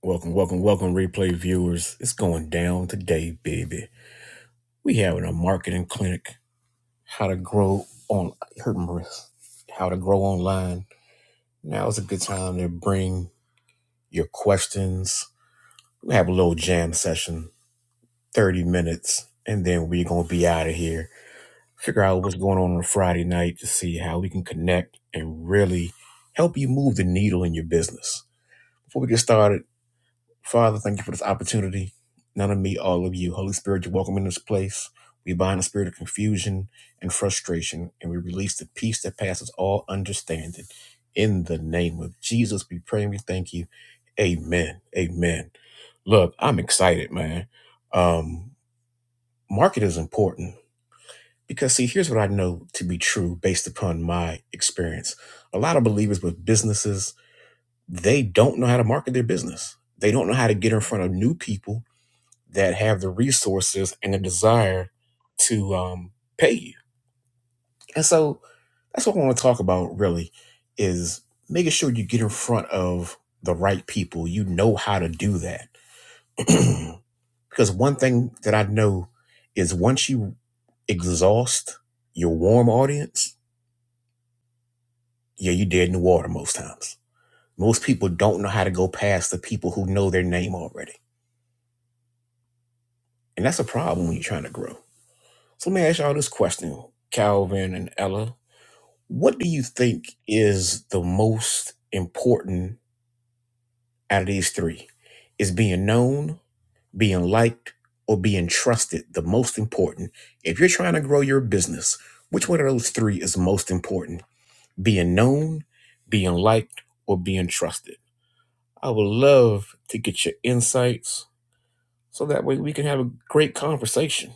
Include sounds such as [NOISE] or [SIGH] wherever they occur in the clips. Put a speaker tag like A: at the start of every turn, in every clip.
A: Welcome, welcome, welcome, replay viewers. It's going down today, baby. We having a marketing clinic. How to grow on hurt my wrist. How to grow online. Now is a good time to bring your questions. We have a little jam session, 30 minutes, and then we're gonna be out of here. Figure out what's going on on Friday night to see how we can connect and really help you move the needle in your business. Before we get started, Father, thank you for this opportunity. None of me, all of you. Holy Spirit, you're welcome in this place. We bind the spirit of confusion and frustration, and we release the peace that passes all understanding. In the name of Jesus, we pray and we thank you. Amen. Amen. Look, I'm excited, man. Um, market is important because, see, here's what I know to be true based upon my experience. A lot of believers with businesses, they don't know how to market their business. They don't know how to get in front of new people that have the resources and the desire to um, pay you. And so that's what I want to talk about really is making sure you get in front of the right people. You know how to do that. [CLEARS THROAT] because one thing that I know is once you exhaust your warm audience, yeah, you're dead in the water most times. Most people don't know how to go past the people who know their name already. And that's a problem when you're trying to grow. So let me ask y'all this question, Calvin and Ella What do you think is the most important out of these three? Is being known, being liked, or being trusted the most important? If you're trying to grow your business, which one of those three is most important? Being known, being liked, or being trusted? I would love to get your insights so that way we can have a great conversation.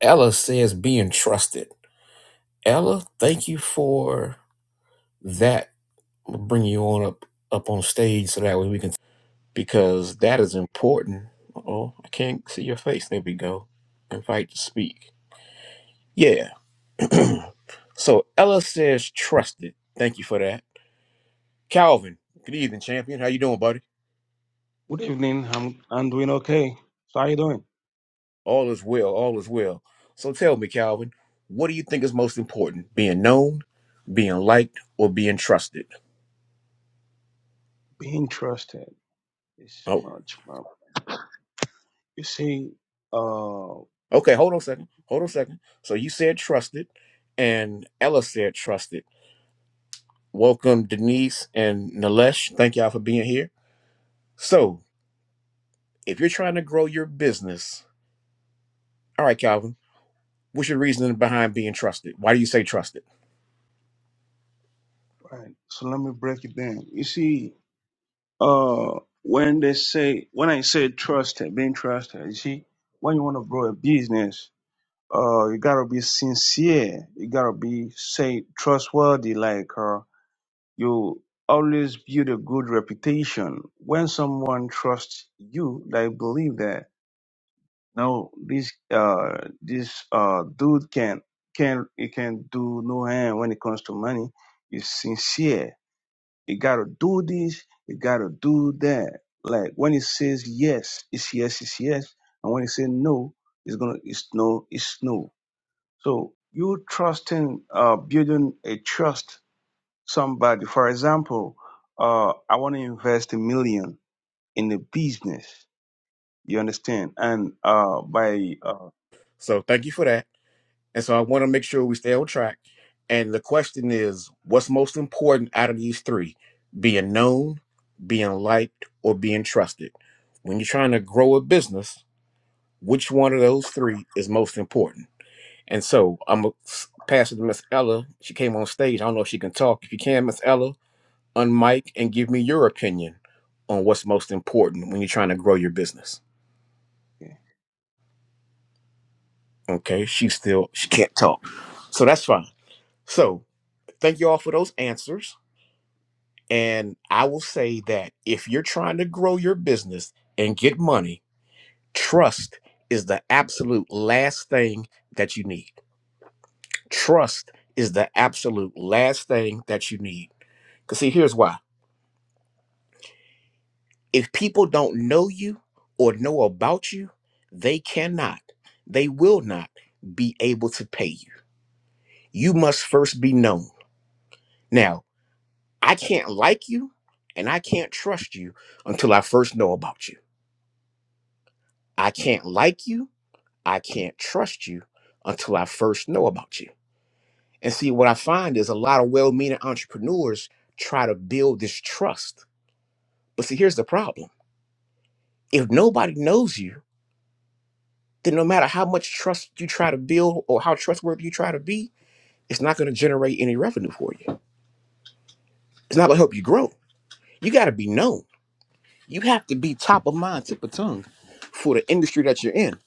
A: Ella says being trusted. Ella, thank you for that I'm gonna bring you on up up on stage so that way we can because that is important. Oh, I can't see your face. There we go. Invite to speak. Yeah. So Ella says trusted. Thank you for that. Calvin, good evening, champion. How you doing, buddy?
B: Good evening. I'm I'm doing okay. So how you doing?
A: All is well. All is well. So tell me, Calvin, what do you think is most important? Being known, being liked, or being trusted?
B: Being trusted is
A: Oh,
B: much more. You see, uh,
A: okay. Hold on a second. Hold on a second. So you said trusted, and Ella said trusted. Welcome, Denise and Nilesh. Thank y'all for being here. So, if you're trying to grow your business, all right, Calvin, what's your reasoning behind being trusted? Why do you say trusted?
B: right. So let me break it down. You see, uh, when they say when I say trusted, being trusted. You see, when you want to grow a business, uh, you gotta be sincere. You gotta be say trustworthy. Like uh, you always build a good reputation. When someone trusts you, they believe that. No, this uh this uh dude can can he can do no harm when it comes to money. He's sincere. You gotta do this, you gotta do that. Like when he says yes, it's yes, it's yes. And when he says no, it's gonna it's no, it's no. So you trusting uh building a trust somebody. For example, uh I wanna invest a million in a business. You understand? And uh by uh,
A: So, thank you for that. And so, I want to make sure we stay on track. And the question is what's most important out of these three being known, being liked, or being trusted? When you're trying to grow a business, which one of those three is most important? And so I'm going to pass it to Miss Ella. She came on stage. I don't know if she can talk. If you can, Miss Ella, unmic and give me your opinion on what's most important when you're trying to grow your business.
B: okay,
A: Okay. She still, she can't talk. So that's fine. So thank you all for those answers. And I will say that if you're trying to grow your business and get money, trust is the absolute last thing that you need. Trust is the absolute last thing that you need. Because see, here's why. If people don't know you or know about you, they cannot, they will not be able to pay you. You must first be known. Now, I can't like you and I can't trust you until I first know about you. I can't like you, I can't trust you until I first know about you. And see, what I find is a lot of well meaning entrepreneurs try to build this trust. But see, here's the problem if nobody knows you, then no matter how much trust you try to build or how trustworthy you try to be, it's not going to generate any revenue for you. It's not going to help you grow. You got to be known. You have to be top of mind, tip of tongue for the industry that you're in.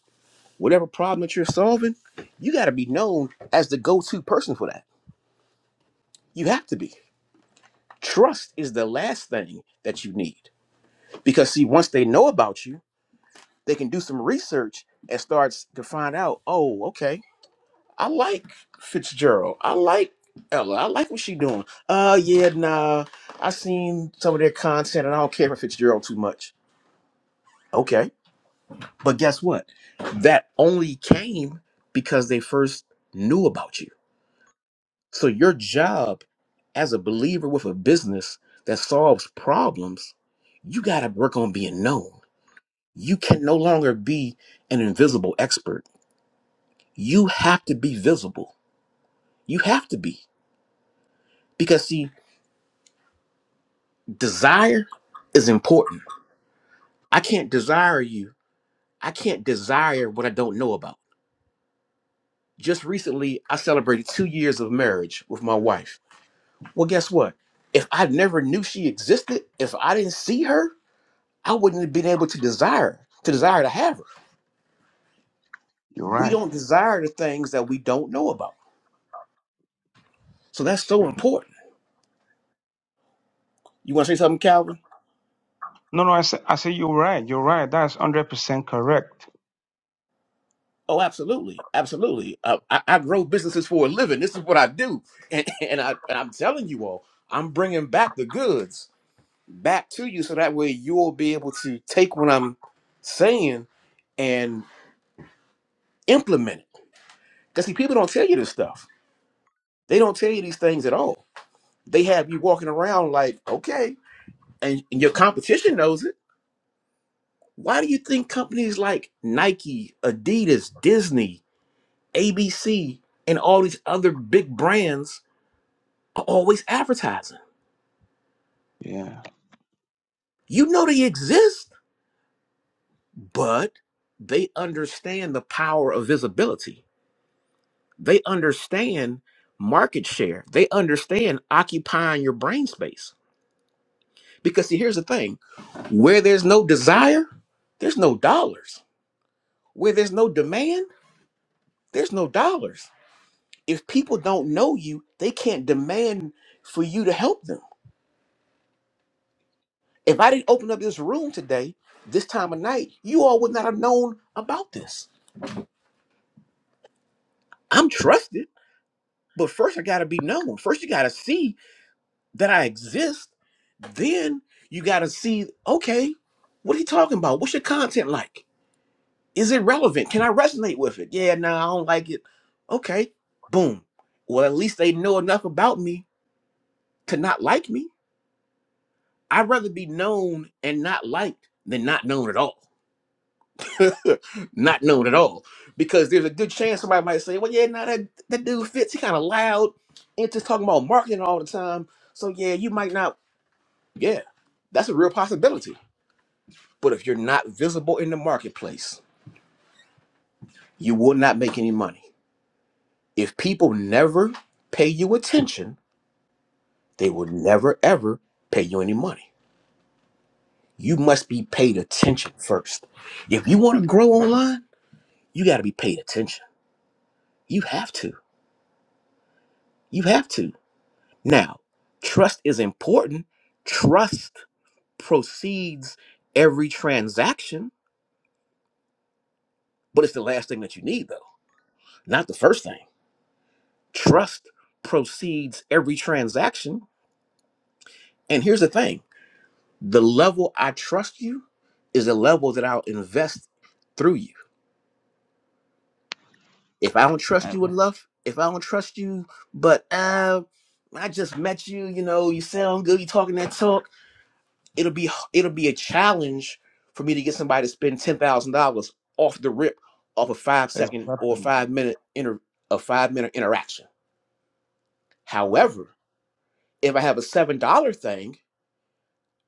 A: Whatever problem that you're solving, you got to be known as the go to person for that. You have to be. Trust is the last thing that you need. Because, see, once they know about you, they can do some research and start to find out, oh, okay, I like Fitzgerald. I like Ella. I like what she doing. Uh, yeah, nah. I seen some of their content, and I don't care for Fitzgerald too much. Okay, but guess what? That only came because they first knew about you. So your job as a believer with a business that solves problems, you got to work on being known. You can no longer be an invisible expert. You have to be visible. You have to be. Because see, Desire is important. I can't desire you. I can't desire what I don't know about. Just recently, I celebrated two years of marriage with my wife. Well, guess what? If I never knew she existed, if I didn't see her, I wouldn't have been able to desire her, to desire to have her.
B: you're
A: We
B: right
A: don't desire the things that we don't know about. So that's so important. You want to say something, Calvin?
B: No, no, I say, I say you're right. You're right. That's hundred percent correct.
A: Oh, absolutely, absolutely. Uh, I, I grow businesses for a living. This is what I do, and, [LAUGHS] and I and I'm telling you all, I'm bringing back the goods back to you, so that way you'll be able to take what I'm saying and implement it. Because see, people don't tell you this stuff. They don't tell you these things at all. They have you walking around like, okay, and, and your competition knows it. Why do you think companies like Nike, Adidas, Disney, ABC, and all these other big brands? are always advertising.
B: Yeah,
A: You know they exist, but they understand the power of visibility. They understand market share. They understand occupying your brain space. Because see, here's the thing where there's no desire, there's no dollars. Where there's no demand, there's no dollars. If people don't know you, they can't demand for you to help them. If I didn't open up this room today, this time of night, you all would not have known about this I'm trusted, but first I got to be known. First, you got to see that I exist. Then you got to see, okay, what are you talking about? What's your content like? Is it relevant? Can I resonate with it? Yeah, no, I don't like it. Okay, boom. Well, at least they know enough about me to not like me. I'd rather be known and not liked than not known at all. [LAUGHS] not known at all. Because there's a good chance somebody might say, well, yeah, now that, that dude fits. He kind of loud and just talking about marketing all the time. So, yeah, you might not. Yeah, that's a real possibility. But if you're not visible in the marketplace, you will not make any money. If people never pay you attention, they will never, ever pay you any money. You must be paid attention first. If you want to grow online, you got to be paid attention. You have to. You have to. Now, trust is important. Trust precedes every transaction, but it's the last thing that you need, though, not the first thing. Trust precedes every transaction. And here's the thing the level I trust you is the level that I'll invest through you. If I don't trust
B: I,
A: you enough, if I don't trust you, but uh, I just met you, you know, you sound good, you talking that talk it'll be it'll be a challenge for me to get somebody to spend ten thousand dollars off the rip off a five second or
B: exactly.
A: five minute inter a five minute interaction.
B: You're right.
A: However, if I have a seven dollar thing,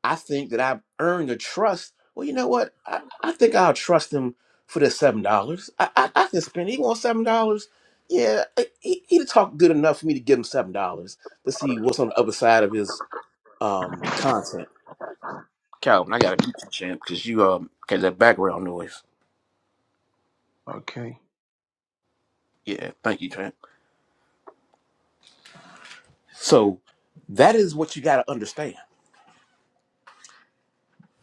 A: I think that I've earned the trust. Well, you know what? I, I think I'll trust him for the seven dollars. I, I I can spend. He wants seven dollars. Yeah, he he talked good enough for me to give him seven dollars to see what's on the other side of his um content. Calvin, I gotta mute you, champ, because you um, because that background noise.
B: Okay.
A: Yeah, thank you, champ. So that is what you gotta understand: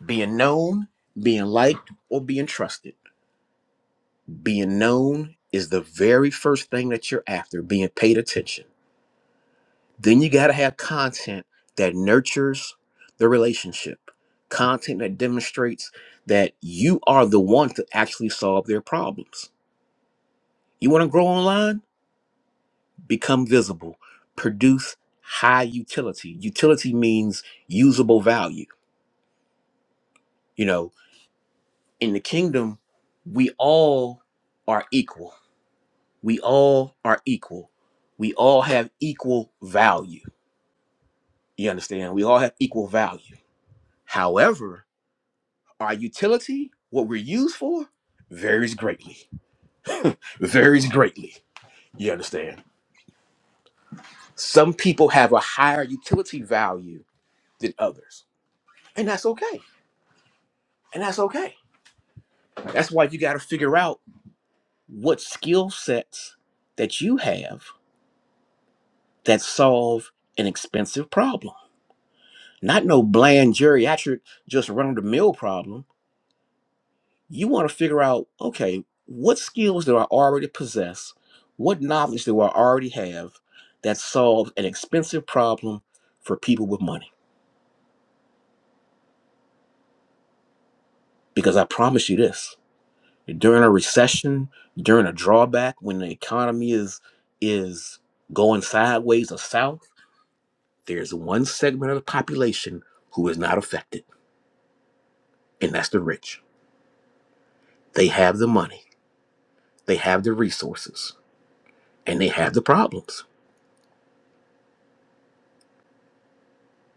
A: being known, being liked, or being trusted. Being known is the very first thing that you're after. Being paid attention. Then you gotta have content that nurtures the relationship. Content that demonstrates that you are the one to actually solve their problems. You want to grow online? become visible, produce high utility. Utility means usable value. You know, in the kingdom, we all are equal. We all are equal. We all have equal value. You understand? We all have equal value. However, our utility, what we're used for, varies greatly. Varies greatly. You understand? Some people have a higher utility value than others. And that's okay. And that's okay That's why you got to figure out what skill sets that you have that solve an expensive problem. Not no bland geriatric, just run of the mill problem. You want to figure out, okay, what skills do I already possess? What knowledge do I already have that solves an expensive problem for people with money? Because I promise you this during a recession, during a drawback, when the economy is is going sideways or south There's one segment of the population who is not affected, and that's the rich. They have the money, they have the resources, and they have the problems.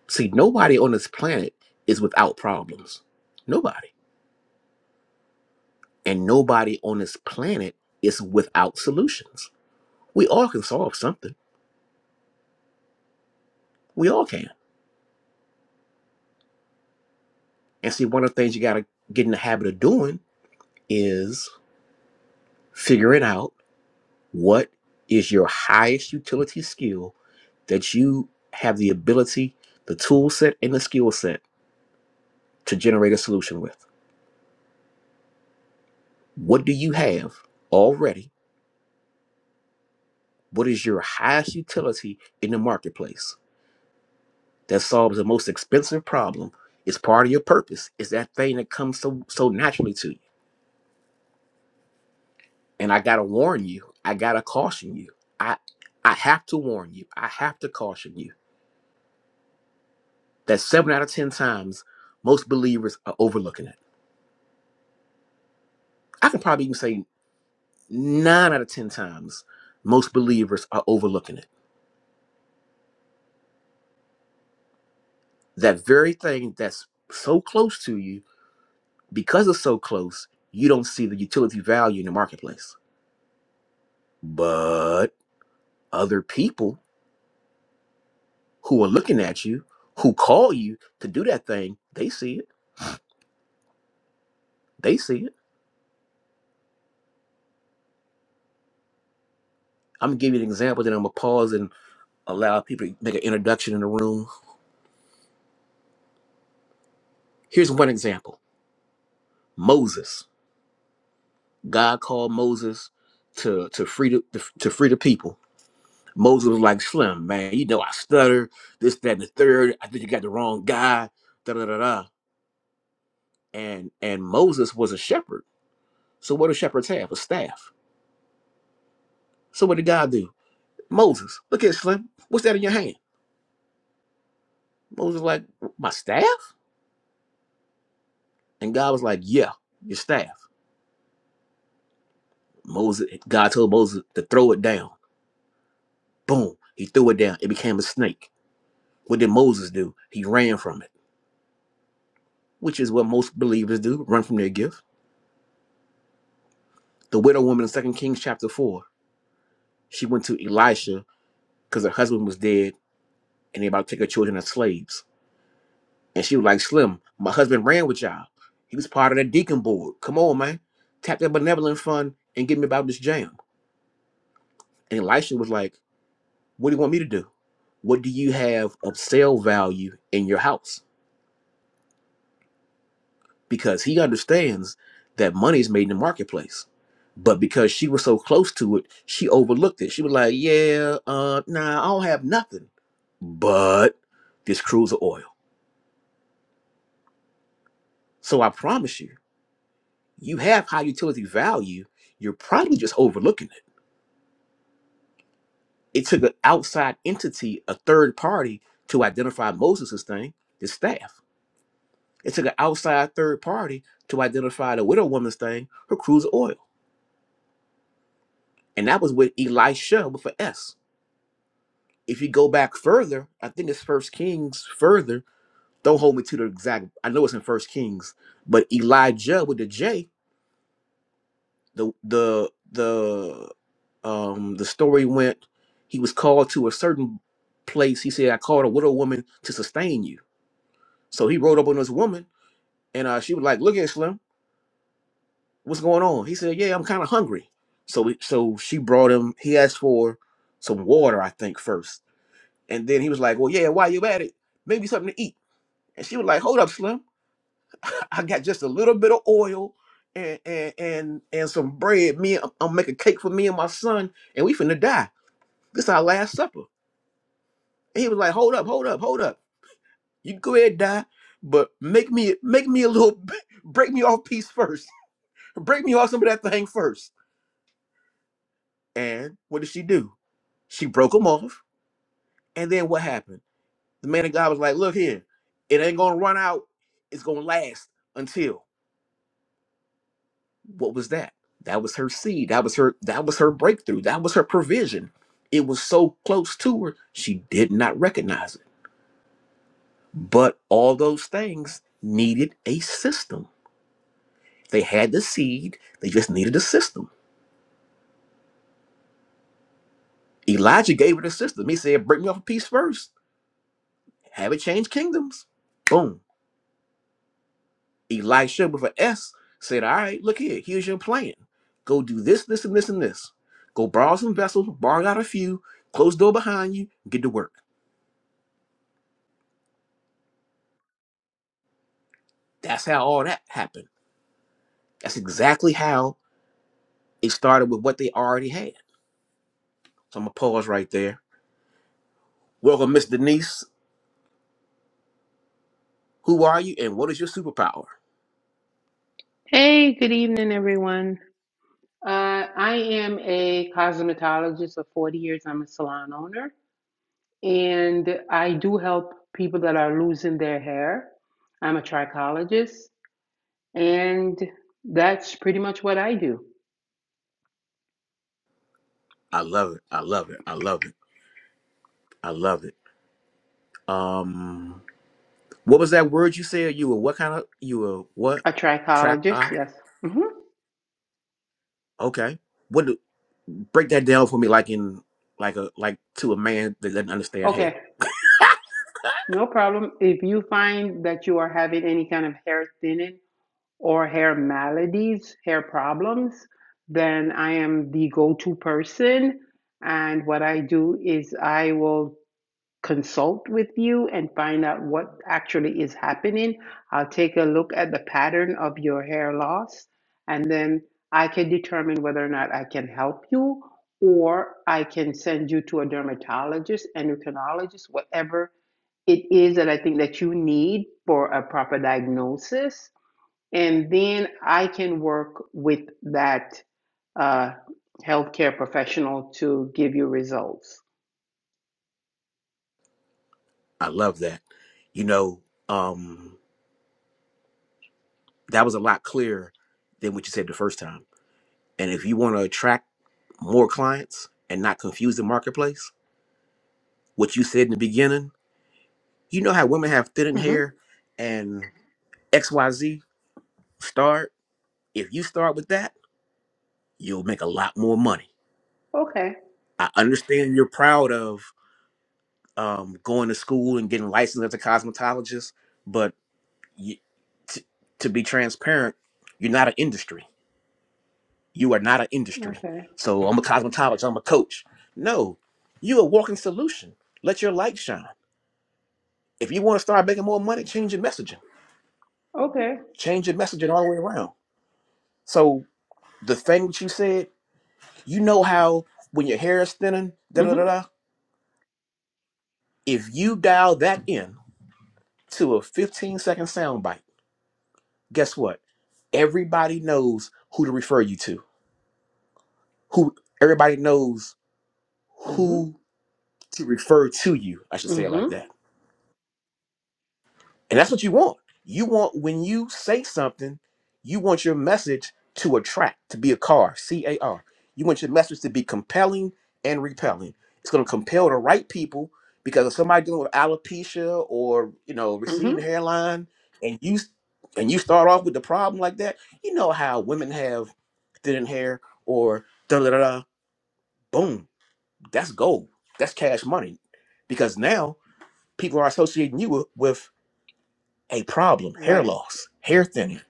A: See, nobody on this planet is without problems. Nobody. And nobody on this planet is without solutions. We all can solve something. We all can. And see, one of the things you got to get in the habit of doing is figuring out What is your highest utility skill that you have the ability, the tool set, and the skill set to generate a solution with? What do you have already? What is your highest utility in the marketplace that solves the most expensive problem? It's part of your purpose. It's that thing that comes so so naturally to you. And I gotta warn you. I gotta caution you. I I have to warn you. I have to caution you that seven out of ten times most believers are overlooking it I can probably even say nine out of 10 times, most believers are overlooking it. That very thing that's so close to you, because it's so close, you don't see the utility value in the marketplace. But other people who are looking at you, who call you to do that thing, they see it. They see it. I'm gonna give you an example, then I'm gonna pause and allow people to make an introduction in the room. Here's one example. Moses. God called Moses to to free the to free the people Moses was like, Slim, man, you know I stutter, this, that, and the third. I think you got the wrong guy. Da da da da. And and Moses was a shepherd. So what do shepherds have? A staff. So what did God do? Moses, look at Slim. What's that in your hand? Moses was like, my staff? And God was like, Yeah, your staff. Moses, God told Moses to throw it down. Boom. He threw it down. It became a snake. What did Moses do? He ran from it, which is what most believers do, run from their gift. The widow woman in 2 Kings chapter 4. She went to Elisha because her husband was dead and they about to take her children as slaves. And she was like, Slim, my husband ran with y'all. He was part of that deacon board. Come on, man. Tap that benevolent fund and get me about this jam. And Elisha was like, What do you want me to do? What do you have of sale value in your house? Because he understands that money is made in the marketplace. But because she was so close to it, she overlooked it. She was like, Yeah, uh, nah, I don't have nothing but this cruise of oil. So I promise you, you have high utility value. You're probably just overlooking it. It took an outside entity, a third party, to identify Moses' thing, his staff. It took an outside third party to identify the widow woman's thing, her cruise of oil. And that was with Elisha with an S. If you go back further, I think it's First Kings further. Don't hold me to the exact. I know it's in First Kings, but Elijah with the J the the the um the story went he was called to a certain place he said i called a widow woman to sustain you so he rode up on this woman and uh she was like look at slim what's going on he said yeah i'm kind of hungry so we, so she brought him he asked for some water i think first and then he was like well yeah while you at it maybe something to eat and she was like hold up slim [LAUGHS] i got just a little bit of oil and and and, and some bread me i'm gonna make cake for me and my son and we finna die This our last supper. And he was like, hold up, hold up, hold up. You go ahead and die, but make me make me a little [LAUGHS] break me off piece first. [LAUGHS] break me off some of that thing first. And what did she do? She broke him off. And then what happened? The man of God was like, look here, it ain't gonna run out. It's gonna last until what was that? That was her seed. That was her, that was her breakthrough. That was her provision. It was so close to her, she did not recognize it. But all those things needed a system. They had the seed, they just needed a system. Elijah gave it a system. He said, Break me off a piece first, have it change kingdoms. Boom. Elisha with an S said, All right, look here, here's your plan. Go do this, this, and this, and this. Go borrow some vessels, borrow out a few, close the door behind you, get to work. That's how all that happened. That's exactly how it started with what they already had. So I'm gonna pause right there. Welcome, Miss Denise. Who are you and what is your superpower?
C: Hey, good evening, everyone. Uh, I am a cosmetologist of 40 years. I'm a salon owner, and I do help people that are losing their hair. I'm a trichologist, and that's pretty much what I do.
A: I love it. I love it. I love it. I love it. Um what was that word you said? You were what kind of you were what?
C: A
A: Track
C: trichologist, yes. hmm
A: Okay. What do, break that down for me like in like a like to a man that doesn't understand hair.
C: Okay, no problem. If you find that you are having any kind of hair thinning, or hair maladies, hair problems, then I am the go to person. And what I do is I will consult with you and find out what actually is happening. I'll take a look at the pattern of your hair loss, and then I can determine whether or not I can help you or I can send you to a dermatologist, endocrinologist, whatever it is that I think that you need for a proper diagnosis and then I can work with that uh, healthcare professional to give you results.
A: I love that. You know, um that was a lot clearer than what you said the first time. And if you want to attract more clients and not confuse the marketplace, what you said in the beginning You know how women have thinning
C: hmm
A: hair and XYZ start. If you start with that, you'll make a lot more money.
C: Okay,
A: I understand you're proud of um, going to school and getting licensed as a cosmetologist, but you, t- to be transparent, you're not an industry. You are not an industry.
C: okay,
A: So I'm a cosmetologist, I'm a coach. No, you're a walking solution. Let your light shine. If you want to start making more money, change your messaging.
C: okay.
A: Change your messaging all the way around. So the thing that you said, you know how when your hair is thinning, da da da
C: hmm
A: da. If you dial that in to a 15 second soundbite, guess what? Everybody knows who to refer you to. Who everybody knows
C: hmm
A: who to refer to you. I should say it
C: hmm
A: like that And that's what you want. You want when you say something, you want your message to attract, to be a car, C A R. You want your message to be compelling and repelling. It's going to compel the right people because if somebody dealing with alopecia or you know
C: hmm
A: receding hairline, and you and you start off with the problem like that, you know how women have thinning hair or da da da. da. Boom, that's gold. That's cash money because now people are associating you with a problem hair
C: Right,
A: loss hair thinning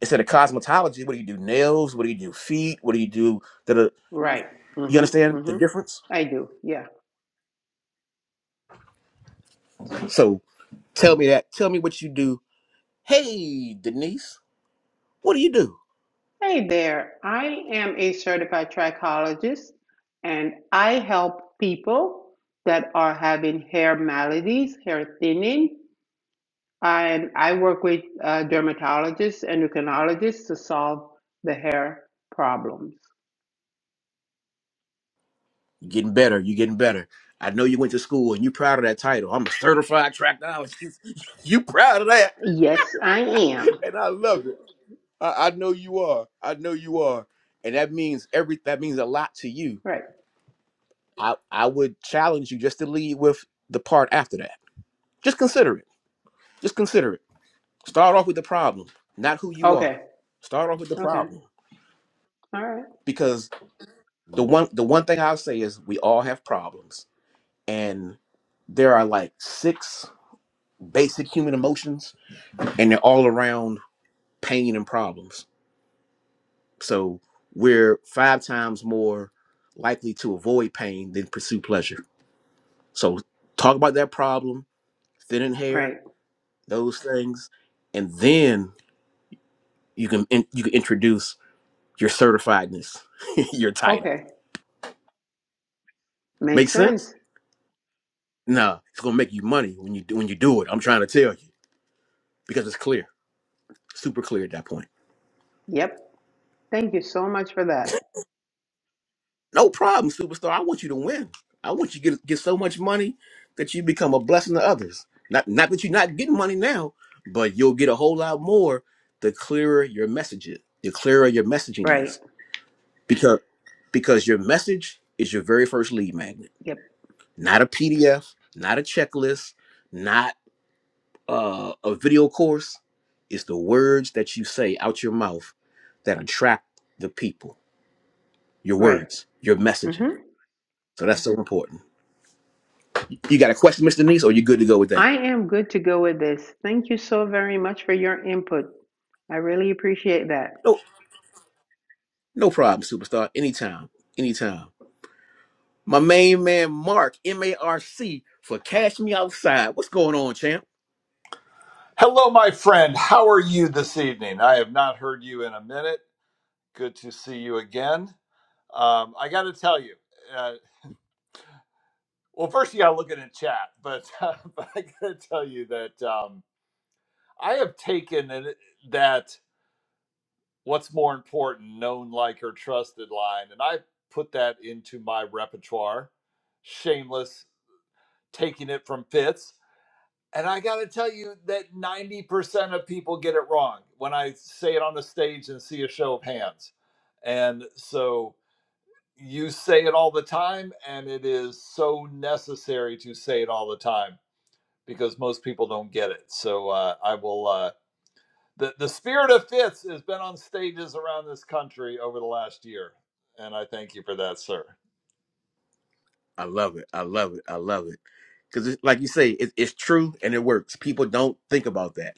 A: instead of cosmetology what do you do nails what do you do feet what do you do that
C: right.
A: you
C: hmm
A: understand the
C: hmm
A: difference
C: I do, yeah.
A: so tell me that tell me what you do hey denise what do you do
C: Hey there, I am a certified trichologist and I help people that are having hair maladies, hair thinning, I I work with uh, dermatologists, endocrinologists to solve the hair problems.
A: you're getting better you're getting better i know you went to school and you're proud of that title i'm a certified tractologist [LAUGHS] you proud of that
C: Yes, I am.
A: [LAUGHS] and i love it I, I know you are. I know you are. And that means every that means a lot to you.
C: Right.
A: I, I would challenge you just to lead with the part after that Just consider it. Just consider it. Start off with the problem, not who you are.
C: Okay.
A: Start off with the
C: Okay.
A: problem
C: All right.
A: because the one the one thing I'll say is we all have problems and there are like six basic human emotions and they're all around pain and problems. So we're five times more likely to avoid pain than pursue pleasure. So talk about that problem, thin and hair,
C: Right.
A: those things, and then you can in, you can introduce your certifiedness, [LAUGHS] your title.
C: Okay.
A: Make
C: Makes
A: sense?
C: sense.
A: Nah, it's gonna make you money when you do when you do it. I'm trying to tell you because it's clear, super clear at that point.
C: Yep. Thank you so much for that.
A: No problem, superstar. I want you to win. I want you to get, get so much money that you become a blessing to others. Not not that you're not getting money now, but you'll get a whole lot more the clearer your message is. The clearer your messaging
C: Right.
A: is, because because your message is your very first lead magnet.
C: Yep.
A: Not a PDF, not a checklist, not uh, a video course, it's the words that you say out your mouth that attract the people. Your
C: Right.
A: words, your messaging.
C: Mm-hmm.
A: So that's so important. You got a question, Mr. Nice, or you good to go with that?
C: I am good to go with this. Thank you so very much for your input. I really appreciate that.
A: No, no problem, superstar. Anytime, anytime. My main man, Mark M A R C, for Cash Me Outside. What's going on, champ?
D: Hello, my friend. How are you this evening? I have not heard you in a minute. Good to see you again. Um, I got to tell you, uh, well, first you got to look at the chat, but, [LAUGHS] but I got to tell you that um, I have taken an, that what's more important, known, like, or trusted line, and I put that into my repertoire. Shameless, taking it from Fitz. And I got to tell you that 90% of people get it wrong when I say it on the stage and see a show of hands. And so you say it all the time, and it is so necessary to say it all the time because most people don't get it. So uh, I will, uh, the, the spirit of fits has been on stages around this country over the last year. And I thank you for that, sir.
A: I love it. I love it. I love it. Because, like you say, it, it's true and it works. People don't think about that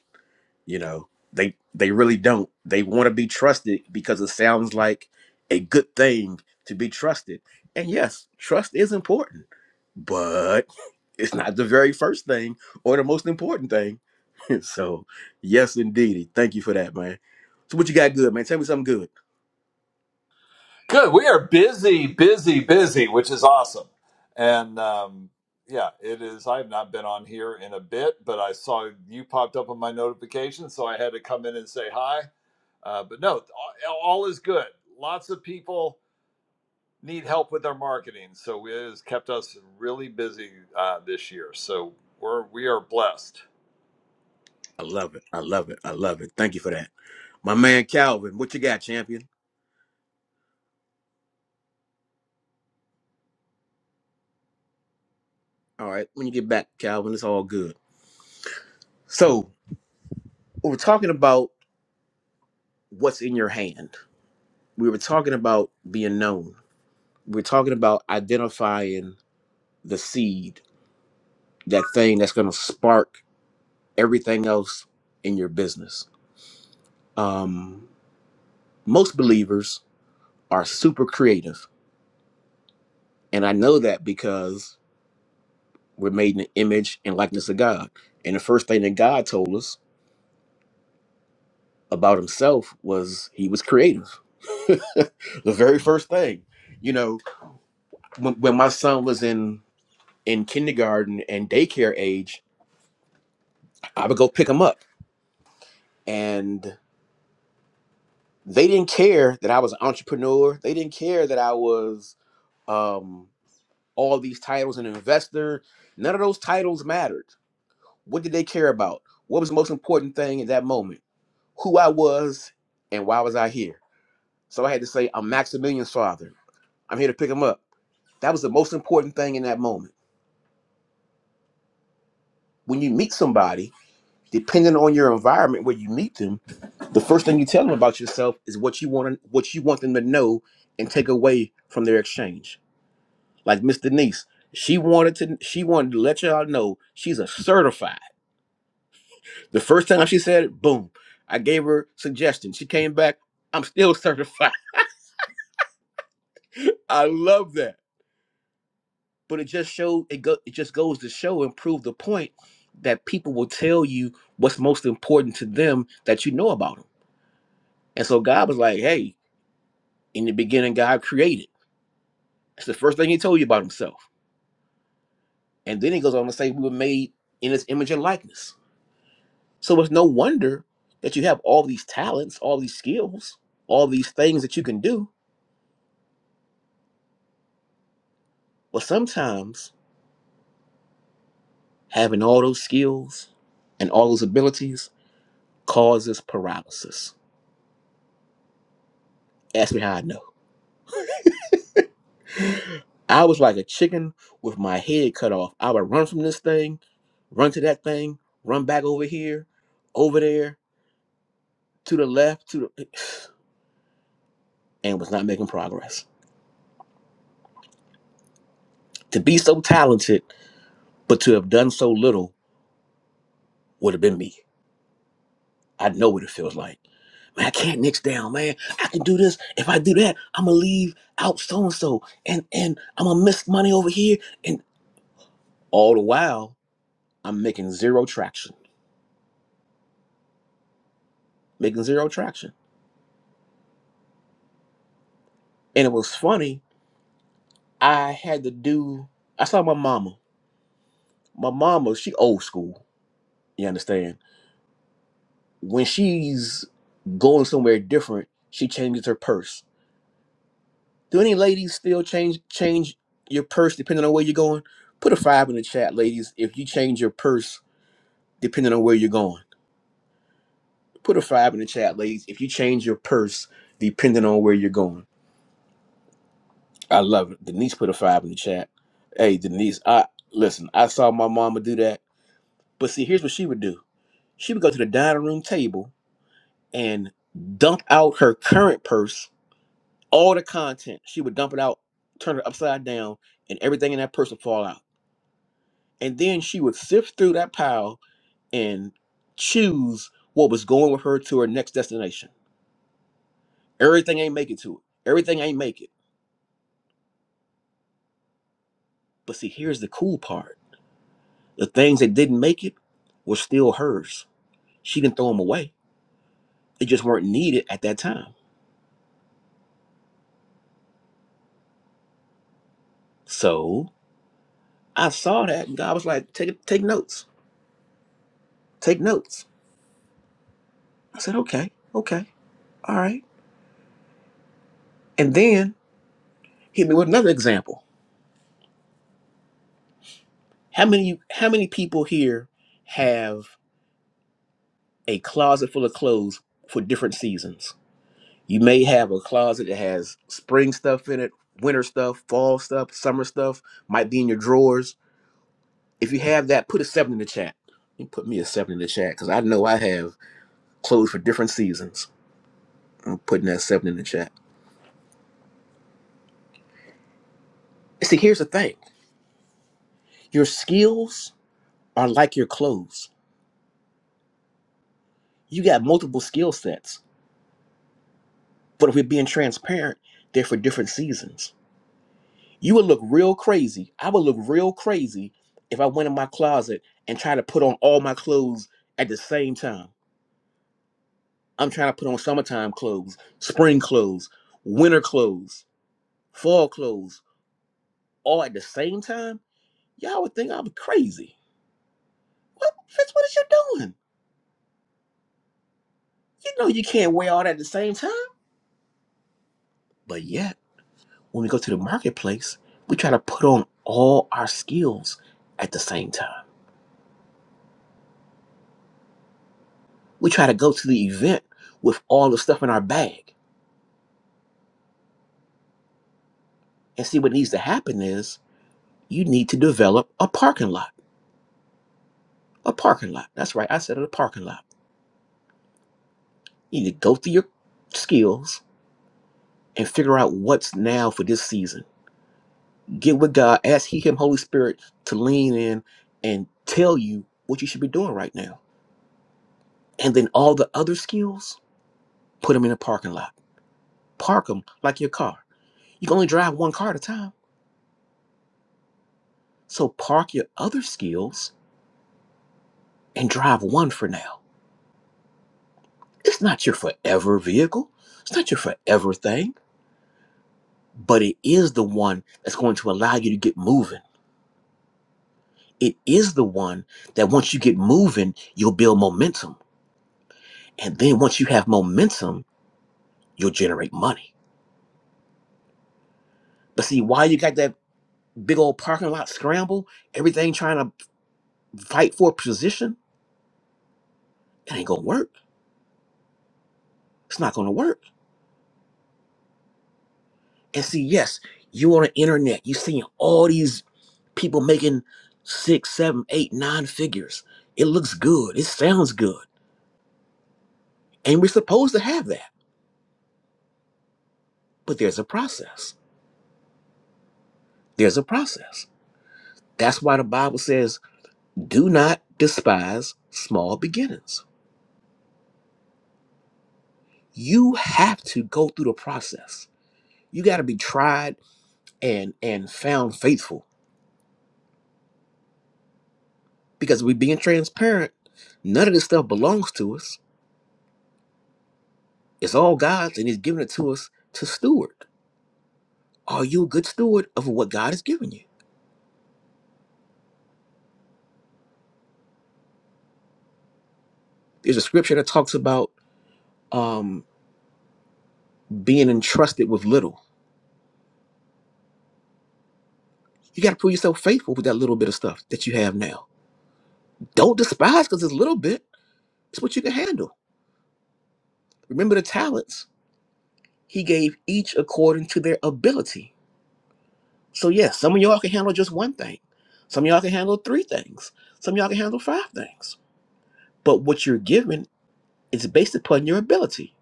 A: you know they they really don't they want to be trusted because it sounds like a good thing to be trusted and yes trust is important but it's not the very first thing or the most important thing [LAUGHS] so yes indeedy thank you for that man so what you got good man tell me something good
D: Good. We are busy, busy, busy, which is awesome. And um, yeah, it is. I've not been on here in a bit, but I saw you popped up on my notification, so I had to come in and say hi. Uh, but no, all, all is good. Lots of people need help with their marketing, so it has kept us really busy uh, this year. So we're we are blessed.
A: i love it i love it i love it thank you for that my man calvin what you got champion all right when you get back calvin it's all good so we were talking about what's in your hand we were talking about being known we're talking about identifying the seed, that thing that's going to spark everything else in your business. Um, most believers are super creative. And I know that because we're made in the image and likeness of God. And the first thing that God told us about himself was he was creative. [LAUGHS] the very first thing. You know, when, when my son was in in kindergarten and daycare age, I would go pick him up. and. they didn't care that I was an entrepreneur. They didn't care that I was um, all these titles, an investor. None of those titles mattered. What did they care about? What was the most important thing in that moment? Who I was and why was I here? So I had to say, I'm Maximilian's father. I'm here to pick him up. That was the most important thing in that moment. When you meet somebody, depending on your environment where you meet them, the first thing you tell them about yourself is what you want what you want them to know and take away from their exchange. like Miss Denise. She wanted to she wanted to let y'all know she's a certified. The first time she said it, boom. I gave her suggestion. She came back, I'm still certified. [LAUGHS] I love that. But it just showed it go it just goes to show and prove the point that people will tell you what's most important to them that you know about them. And so God was like, hey, in the beginning, God created. That's the first thing he told you about himself. And then he goes on to say we were made in his image and likeness So it's no wonder that you have all these talents, all these skills, all these things that you can do. But sometimes having all those skills and all those abilities causes paralysis. Ask me how I know. [LAUGHS] I was like a chicken with my head cut off. I would run from this thing, run to that thing, run back over here, over there, to the left, to the [SIGHS] and was not making progress. To be so talented, but to have done so little would have been me. I know what it feels like. Man, I can't niche down, man. I can do this. If I do that, I'ma leave out so and so, and and I'ma miss money over here. And all the while, I'm making zero traction, making zero traction. And it was funny. I had to do. I saw my mama. My mama, she old school. You understand? When she's going somewhere different, she changes her purse Do any ladies still change change your purse depending on where you're going? Put a five in the chat, ladies, if you change your purse depending on where you're going. Put a five in the chat, ladies, if you change your purse depending on where you're going. I love it. Denise put a five in the chat. Hey, Denise, I listen, I saw my mama do that. But see, here's what she would do. She would go to the dining room table and dump out her current purse, all the content. She would dump it out, turn it upside down, and everything in that purse would fall out. and then she would sift through that pile and choose what was going with her to her next destination. Everything ain't make it to it. Everything ain't make it. But see, here's the cool part: the things that didn't make it were still hers. She didn't throw them away. They just weren't needed at that time. So I saw that, and God was like, "Take take notes. Take notes." I said, "Okay, okay, all right." And then hit me with another example. How many how many people here have a closet full of clothes for different seasons. You may have a closet that has spring stuff in it, winter stuff, fall stuff, summer stuff, might be in your drawers. If you have that, put a seven in the chat. You put me a seven in the chat because I know I have clothes for different seasons. I'm putting that seven in the chat. See, here's the thing your skills are like your clothes. You got multiple skill sets, but if we're being transparent, they're for different seasons. You would look real crazy. I would look real crazy if I went in my closet and tried to put on all my clothes at the same time. I'm trying to put on summertime clothes, spring clothes, winter clothes, fall clothes, all at the same time. Y'all would think I was crazy. What, Fitz, what is you doing? You know you can't wear all that at the same time. But yet, when we go to the marketplace, we try to put on all our skills at the same time. We try to go to the event with all the stuff in our bag And see, what needs to happen is you need to develop a parking lot. A parking lot. That's right. I said a parking lot. You need to go through your skills and figure out what's now for this season. Get with God, ask He, Him, Holy Spirit to lean in and tell you what you should be doing right now. And then all the other skills, put them in a parking lot. Park them like your car. You can only drive one car at a time. So park your other skills and drive one for now. It's not your forever vehicle. It's not your forever thing but it is the one that's going to allow you to get moving. It is the one that once you get moving, you'll build momentum. And then once you have momentum, you'll generate money. But see, why you got that big old parking lot scramble, everything trying to fight for a position? It ain't gonna work. It's not gonna work. And see, yes, you on the internet, you seeing all these people making six, seven, eight, nine figures. It looks good. It sounds good. And we're supposed to have that. But there's a process There's a process. That's why the Bible says, do not despise small beginnings. You have to go through the process. You got to be tried and and found faithful. Because we're being transparent, none of this stuff belongs to us. It's all God's and He's given it to us to steward. Are you a good steward of what God has given you? There's a scripture that talks about um, being entrusted with little. You got to prove yourself faithful with that little bit of stuff that you have now. Don't despise because it's a little bit It's what you can handle. Remember the talents he gave each according to their ability. So yes, some of y'all can handle just one thing. Some of y'all can handle three things. Some of y'all can handle five things. But what you're given is based upon your ability.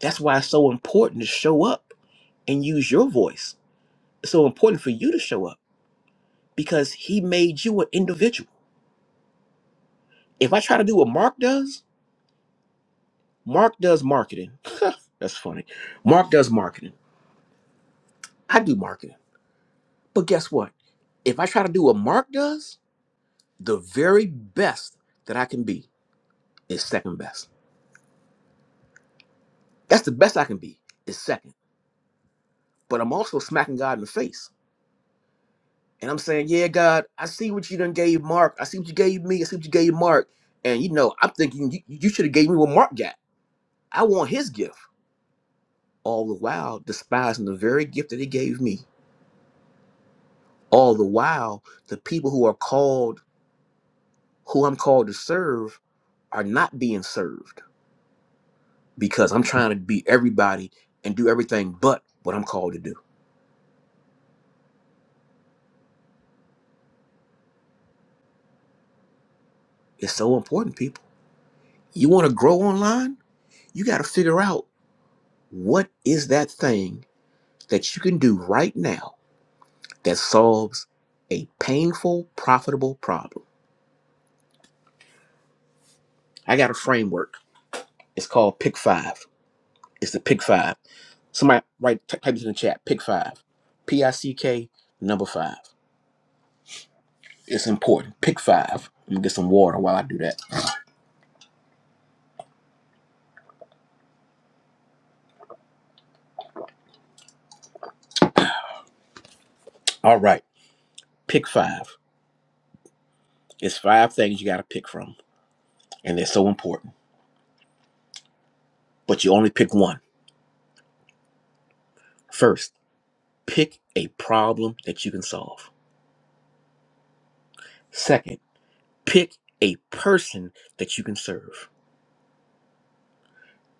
A: That's why it's so important to show up and use your voice. It's so important for you to show up because he made you an individual. If I try to do what Mark does, Mark does marketing. [LAUGHS] That's funny. Mark does marketing. I do marketing. But guess what? If I try to do what Mark does, the very best that I can be is second best. That's the best I can be is second. But I'm also smacking God in the face. And I'm saying, yeah, God, I see what you done gave Mark. I see what you gave me. I see what you gave Mark. And you know, I'm thinking you, you should have gave me what Mark got. I want his gift. All the while despising the very gift that he gave me. All the while, the people who are called, who I'm called to serve, are not being served because I'm trying to be everybody and do everything but what I'm called to do. It's so important, people. You want to grow online? You got to figure out what is that thing that you can do right now that solves a painful, profitable problem. I got a framework. It's called Pick Five. It's the Pick Five. Somebody write type this in the chat. Pick Five. P I C K number five. It's important. Pick five. I'm gonna get some water while I do that. All right. Pick five. It's five things you got to pick from, and they're so important. But you only pick one. First, pick a problem that you can solve. Second, pick a person that you can serve.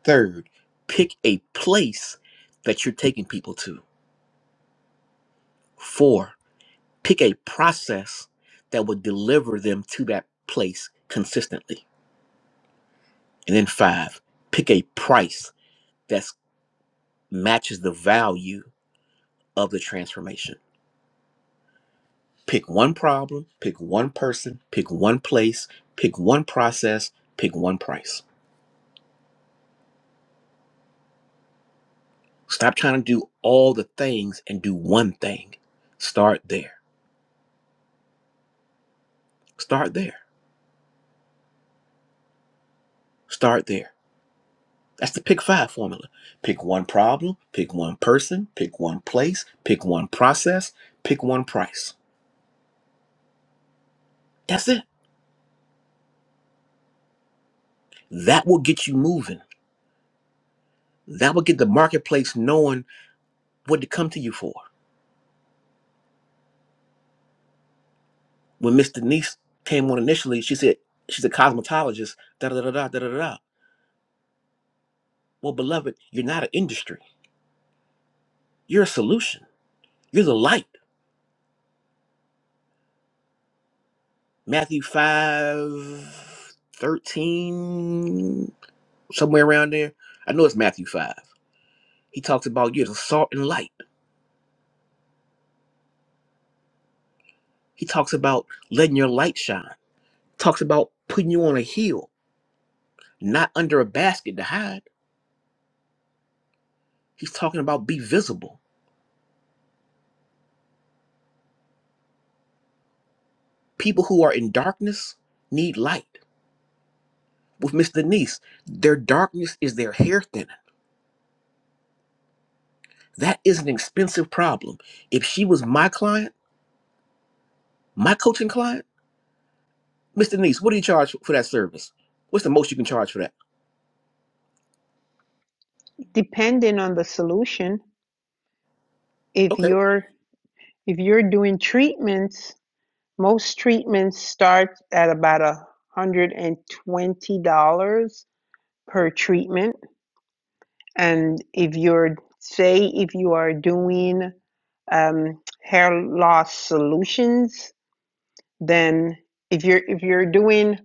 A: Third, pick a place that you're taking people to. Four, pick a process that will deliver them to that place consistently. And then five, pick a price that matches the value of the transformation. Pick one problem, pick one person, pick one place, pick one process, pick one price. Stop trying to do all the things and do one thing. Start there. Start there. Start there. That's the pick five formula. Pick one problem, pick one person, pick one place, pick one process, pick one price. That's it. That will get you moving. That will get the marketplace knowing what to come to you for. When Miss Denise came on initially, she said she's a cosmetologist. Da da da da da da da. da. Well, beloved, you're not an industry. You're a solution. You're the light. Matthew five thirteen, somewhere around there. I know it's Matthew five. He talks about you're the salt and light. He talks about letting your light shine. Talks about putting you on a hill, not under a basket to hide. He's talking about be visible. People who are in darkness need light. with Miss Denise. Their darkness is their hair thinning. That is an expensive problem. If she was my client, my coaching client, Miss Denise, what do you charge for that service? What's the most you can charge for that?
C: Depending on the solution, if
A: Okay.
C: you're if you're doing treatments Most treatments start at about a hundred and twenty dollars per treatment. And if you're, say, if you are doing um, hair loss solutions, then if you're if you're doing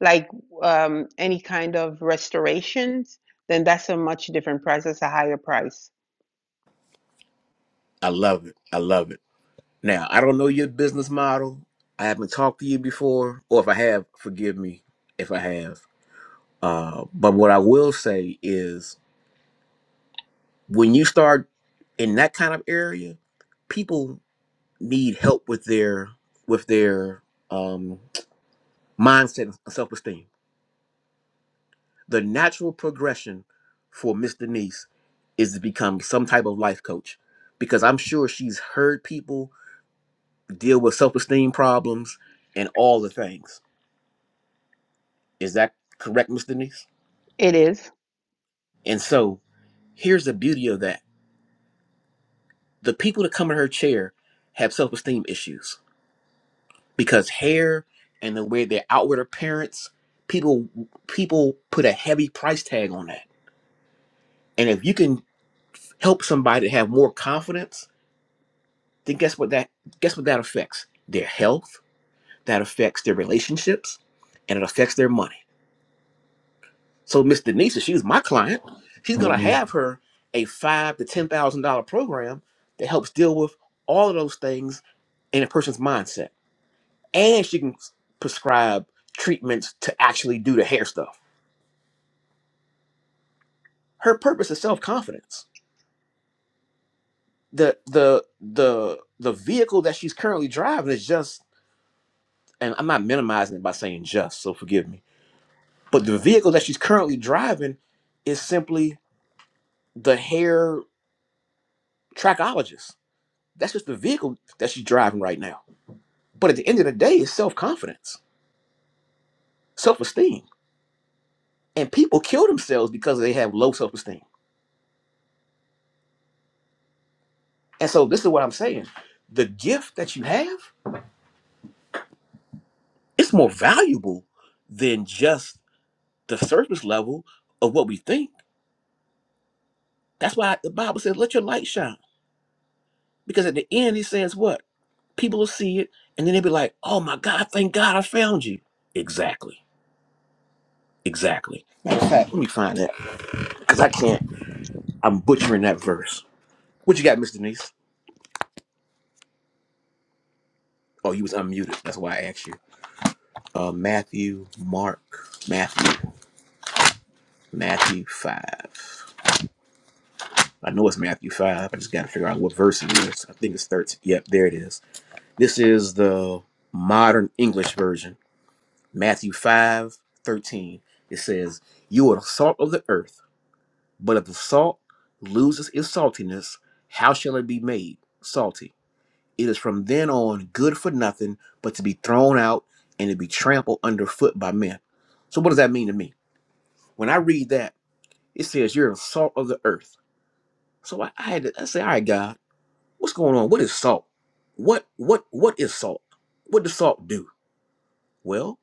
C: like um, any kind of restorations, then that's a much different price. That's a higher price.
A: I love it. I love it. Now, I don't know your business model. I haven't talked to you before, or if I have, forgive me if I have. Uh, but what I will say is when you start in that kind of area, people need help with their with their um, mindset and self-esteem. The natural progression for Miss Denise is to become some type of life coach because I'm sure she's heard people deal with self-esteem problems and all the things. Is that correct, Miss Denise?
C: It is.
A: And so here's the beauty of that. The people that come in her chair have self-esteem issues because hair and the way their outward appearance, people people put a heavy price tag on that. And if you can help somebody have more confidence then guess what that guess what that affects their health that affects their relationships and it affects their money so miss denise if she's my client she's going to hmm have her a five to ten thousand dollar program that helps deal with all of those things in a person's mindset and she can prescribe treatments to actually do the hair stuff her purpose is self-confidence the the the the vehicle that she's currently driving is just and i'm not minimizing it by saying just so forgive me But the vehicle that she's currently driving is simply the hair trachologist. That's just the vehicle that she's driving right now. But at the end of the day, it's self confidence, self esteem. And people kill themselves because they have low self esteem. And so this is what I'm saying the gift that you have it's more valuable than just the surface level of what we think. That's why the Bible says, let your light shine. Because at the end, he says, what? People will see it, and then they'll be like, "Oh my God! Thank God I found you." Exactly, exactly. Matter of fact, let me find that because I can't. I'm butchering that verse. What you got, Miss Denise? Oh, you was unmuted. That's why I asked you. Uh, Matthew, Mark, Matthew, Matthew five. I know it's Matthew five. I just got to figure out what verse it is. I think it's thirteen. Yep, there it is. This is the modern English version. Matthew five thirteen. It says, "You are the salt of the earth." But if the salt loses its saltiness, how shall it be made salty? It is from then on good for nothing but to be thrown out and to be trampled underfoot by men. So what does that mean to me? When I read that, it says you're the salt of the earth. So I, I had to I say, all right, God, what's going on? What is salt? What what what is salt? What does salt do? Well,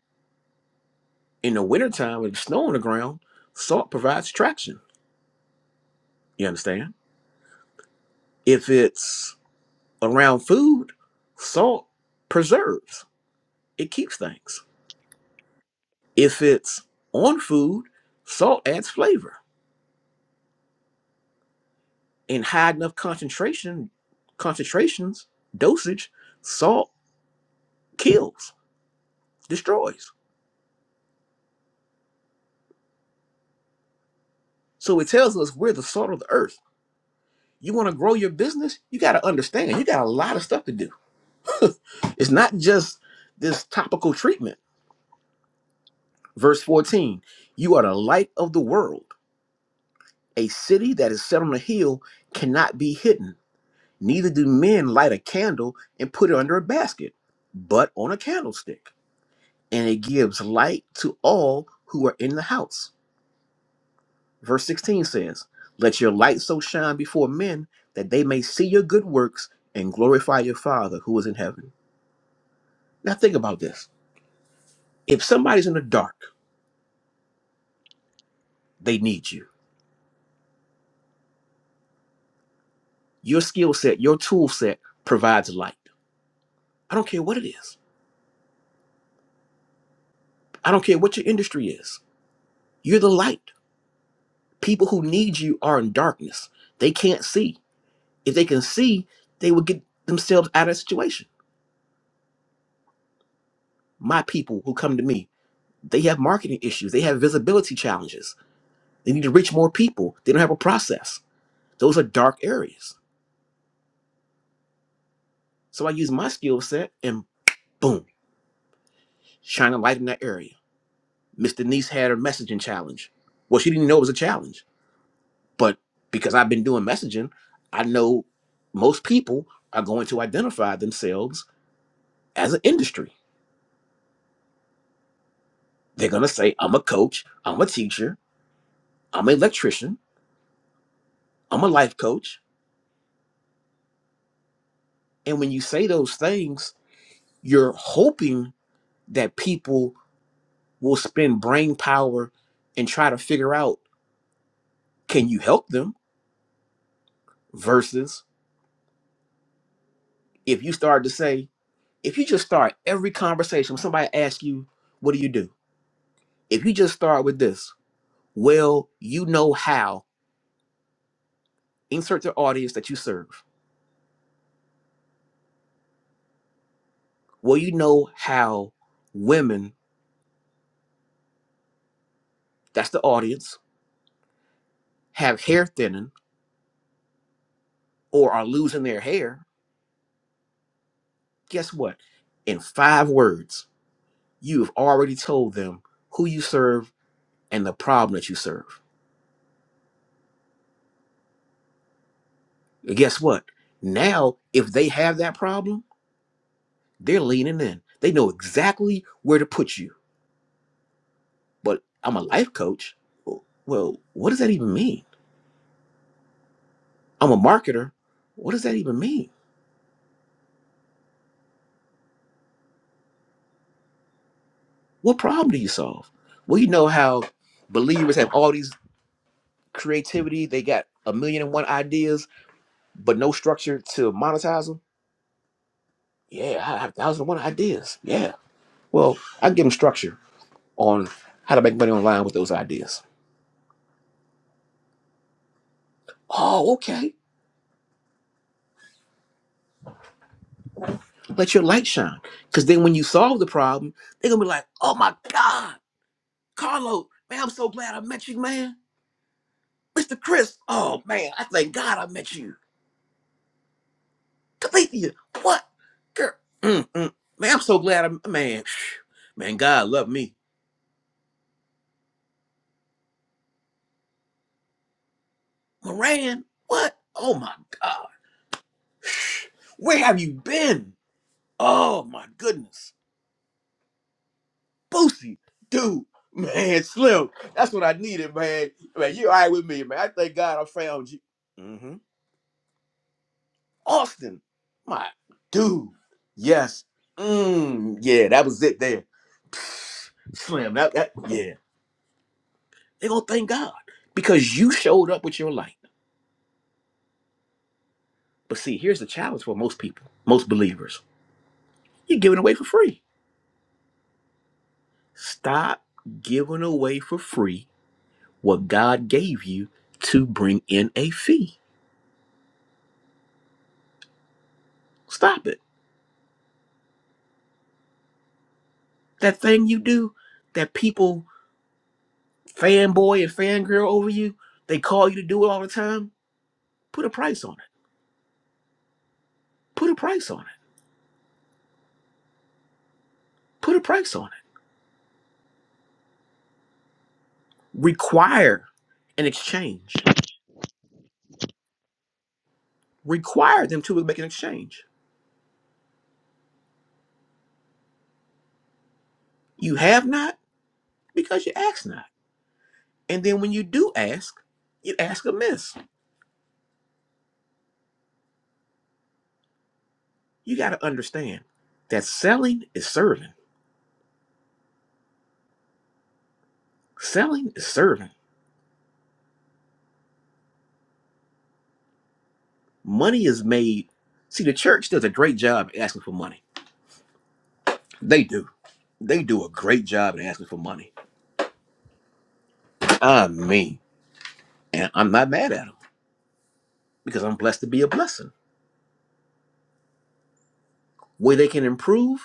A: in the wintertime with snow on the ground, salt provides traction. You understand? If it's around food, salt preserves, it keeps things. If it's on food, salt adds flavor. In high enough concentration, concentrations, dosage, salt kills, destroys. So it tells us we're the salt of the earth. You want to grow your business, you got to understand, you got a lot of stuff to do. [LAUGHS] it's not just this topical treatment. Verse 14, you are the light of the world. A city that is set on a hill cannot be hidden Neither do men light a candle and put it under a basket, but on a candlestick, and it gives light to all who are in the house. Verse 16 says, Let your light so shine before men that they may see your good works and glorify your Father who is in heaven. Now think about this. If somebody's in the dark, they need you. Your skill set, your tool set provides light. I don't care what it is. I don't care what your industry is. You're the light. People who need you are in darkness. They can't see. If they can see, they will get themselves out of the situation. My people who come to me, they have marketing issues, they have visibility challenges, they need to reach more people, they don't have a process. Those are dark areas. So I use my skill set and boom, shine a light in that area. Miss Denise had her messaging challenge. Well, she didn't know it was a challenge, but because I've been doing messaging, I know most people are going to identify themselves as an industry. They're going to say, I'm a coach, I'm a teacher, I'm an electrician, I'm a life coach. And when you say those things, you're hoping that people will spend brain power and try to figure out can you help them versus if you start to say, if you just start every conversation, when somebody asks you, what do you do? If you just start with this, well, you know how, insert the audience that you serve. Well, you know how women, that's the audience, have hair thinning or are losing their hair Guess what? In five words, you have already told them who you serve and the problem that you serve. And guess what? Now, if they have that problem, they're leaning in. They know exactly where to put you. But I'm a life coach. Well, what does that even mean? I'm a marketer. What does that even mean? What problem do you solve? Well, you know how believers have all these creativity, they got a million and one ideas, but no structure to monetize them Yeah, I have a thousand and one ideas. Yeah. Well, I give them structure on how to make money online with those ideas. Oh, okay. Let your light shine. Because then when you solve the problem, they're going to be like, oh my God, Carlo, man, I'm so glad I met you, man. Mr. Chris, oh man, I thank God I met you. Calethea, what? Girl, mm, mm. man, I'm so glad I, man, [SIGHS] man, God love me. Moran, what? Oh my God. [SIGHS] Where have you been? Oh my goodness. Boosie, dude, man, Slim. That's what I needed, man. Man, you all right with me, man. I thank God I found you. hmm Austin, my dude. Yes. Mm, yeah, that was it there. Slim, that, that yeah. They're gonna thank God because you showed up with your light. But see, here's the challenge for most people, most believers. You're giving away for free. Stop giving away for free what God gave you to bring in a fee. Stop it. that thing you do that people fanboy and fangirl over you, they call you to do it all the time, put a price on it. Put a price on it. Put a price on it. Require an exchange. Require them to make an exchange. You have not because you ask not. And then when you do ask, you ask amiss. You got to understand that selling is serving. Selling is serving. Money is made. See, the church does a great job asking for money. They do. They do a great job at asking for money. I mean, and I'm not mad at them because I'm blessed to be a blessing. Where they can improve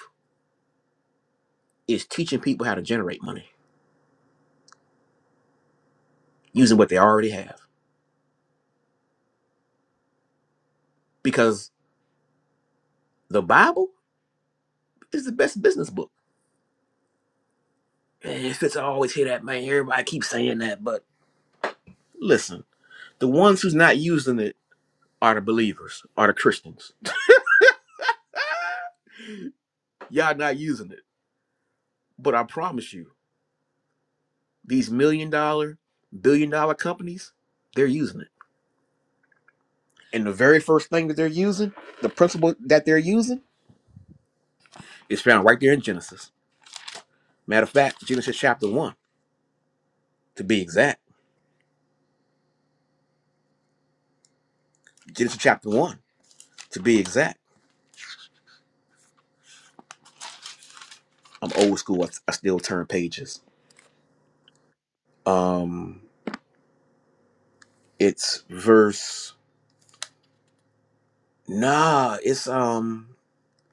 A: is teaching people how to generate money using what they already have. Because the Bible is the best business book. And if it's I always hear that, man, everybody keeps saying that. But listen, the ones who's not using it are the believers, are the Christians. Ah, Y'all not using it. But I promise you, these million dollar, billion dollar companies, they're using it And the very first thing that they're using, the principle that they're using, is found right there in Genesis. Matter of fact, Genesis chapter 1, to be exact. Genesis chapter 1, to be exact. I'm old school. I, I still turn pages. Um, it's verse. Nah, it's um,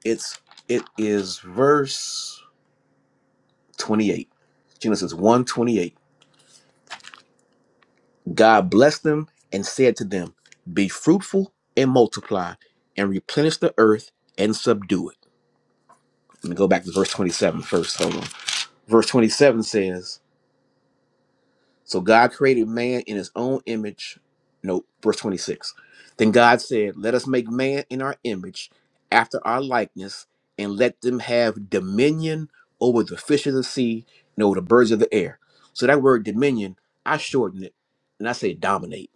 A: it's it is verse 28. Genesis one 28. God blessed them and said to them, Be fruitful and multiply and replenish the earth and subdue it Let me go back to verse 27 first. Hold on. Verse 27 says, So God created man in his own image. No, verse 26. Then God said, Let us make man in our image, after our likeness, and let them have dominion over the fish of the sea and over the birds of the air. So that word dominion, I shorten it and I say dominate.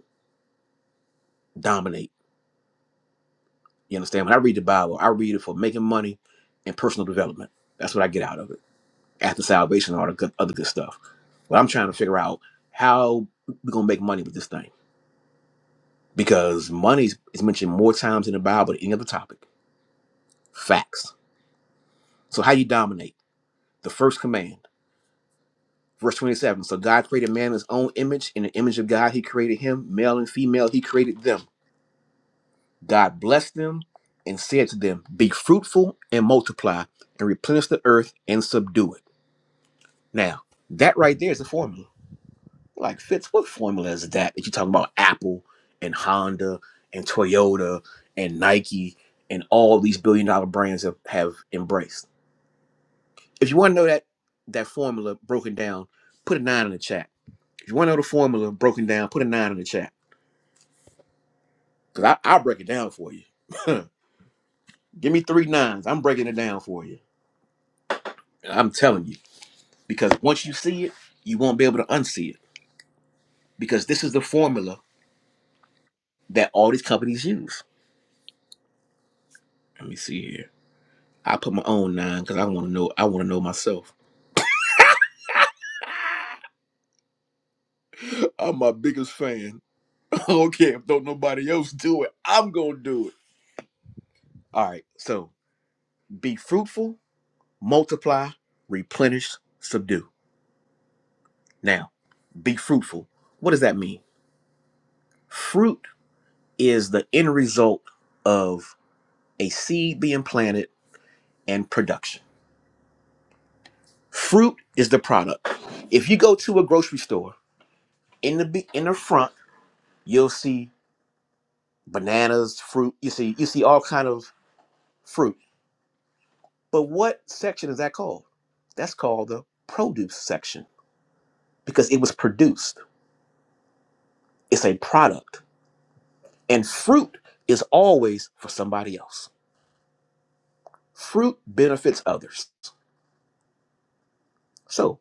A: Dominate. You understand? When I read the Bible, I read it for making money and personal development. That's what I get out of it. after salvation and all the good, other good stuff. But I'm trying to figure out how we're gonna make money with this thing because money is is mentioned more times in the Bible than any other topic. Facts. So how you dominate? The first command, verse 27. So God created man in His own image, in the image of God He created him, male and female He created them. God blessed them and said to them, "Be fruitful and multiply, and replenish the earth and subdue it." Now that right there is a formula Like Fitz, what formula is that that you're talking about Apple and Honda and Toyota and Nike and all these billion dollar brands have, have embraced? If you want to know that that formula broken down, put a nine in the chat. If you want to know the formula broken down, put a nine in the chat. Cause I, I'll break it down for you. [LAUGHS] Give me three nines. I'm breaking it down for you. And I'm telling you. Because once you see it, you won't be able to unsee it. Because this is the formula that all these companies use. Let me see here. I put my own nine because I want to know. I want to know myself. [LAUGHS] I'm my biggest fan. [LAUGHS] okay, if don't nobody else do it, I'm gonna do it. All right. So be fruitful, multiply, replenish, subdue. Now, be fruitful. What does that mean? Fruit is the end result of a seed being planted and production. Fruit is the product. If you go to a grocery store in the be- in the front, you'll see bananas, fruit. You see you see all kind of fruit. But what section is that called? That's called the produce section because it was produced. It's a product. And fruit is always for somebody else. Fruit benefits others. So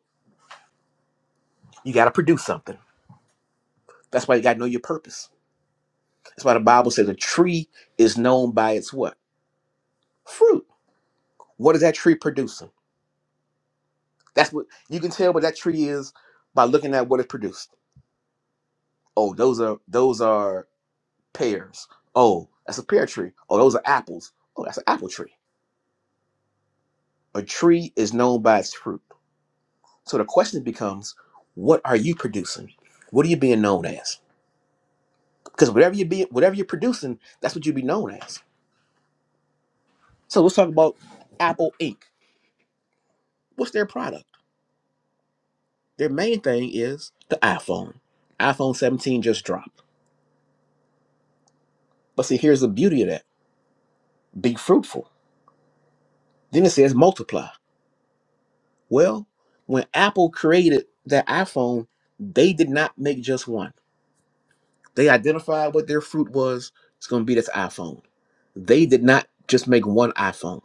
A: you got to produce something. That's why you got to know your purpose. That's why the Bible says a tree is known by its what? Fruit. What is that tree producing? That's what you can tell what that tree is by looking at what it produced. Oh, those are those are pears. Oh, that's a pear tree. Oh, those are apples. Oh, that's an apple tree. A tree is known by its fruit. So the question becomes, what are you producing? What are you being known as? Because whatever you be, whatever you're producing, that's what you'll be known as. So let's talk about Apple Inc. What's their product? Their main thing is the iPhone. iPhone 17 just dropped. But see, here's the beauty of that: be fruitful. Then it says multiply. Well, when Apple created that iPhone, they did not make just one They identified what their fruit was. It's going to be this iPhone. They did not just make one iPhone.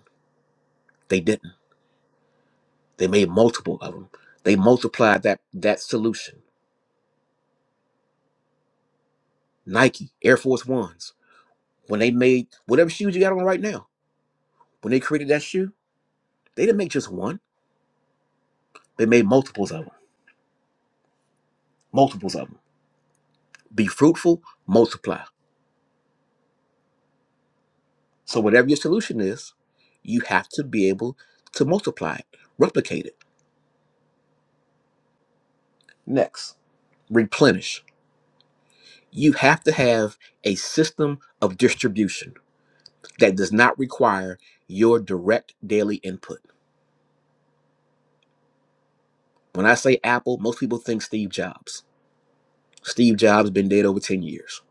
A: They didn't. They made multiple of them. They multiplied that that solution. Nike Air Force Ones. When they made whatever shoes you got on right now, when they created that shoe, they didn't make just one. They made multiples of them. Multiples of them. Be fruitful, multiply. So whatever your solution is, you have to be able to multiply it, replicate it. Next, replenish you have to have a system of distribution that does not require your direct daily input. When I say Apple, most people think Steve Jobs. Steve Jobs been dead over 10 years.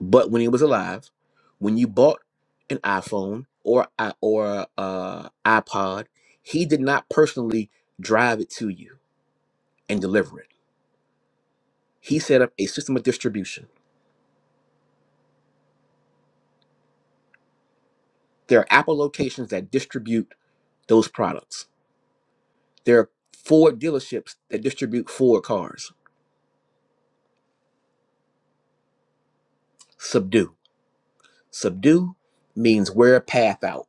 A: But when he was alive, when you bought an iPhone or i- or uh, iPod, he did not personally drive it to you and deliver it. He set up a system of distribution. There are Apple locations that distribute those products There are Ford dealerships that distribute Ford cars. Subdue. Subdue means wear a path out.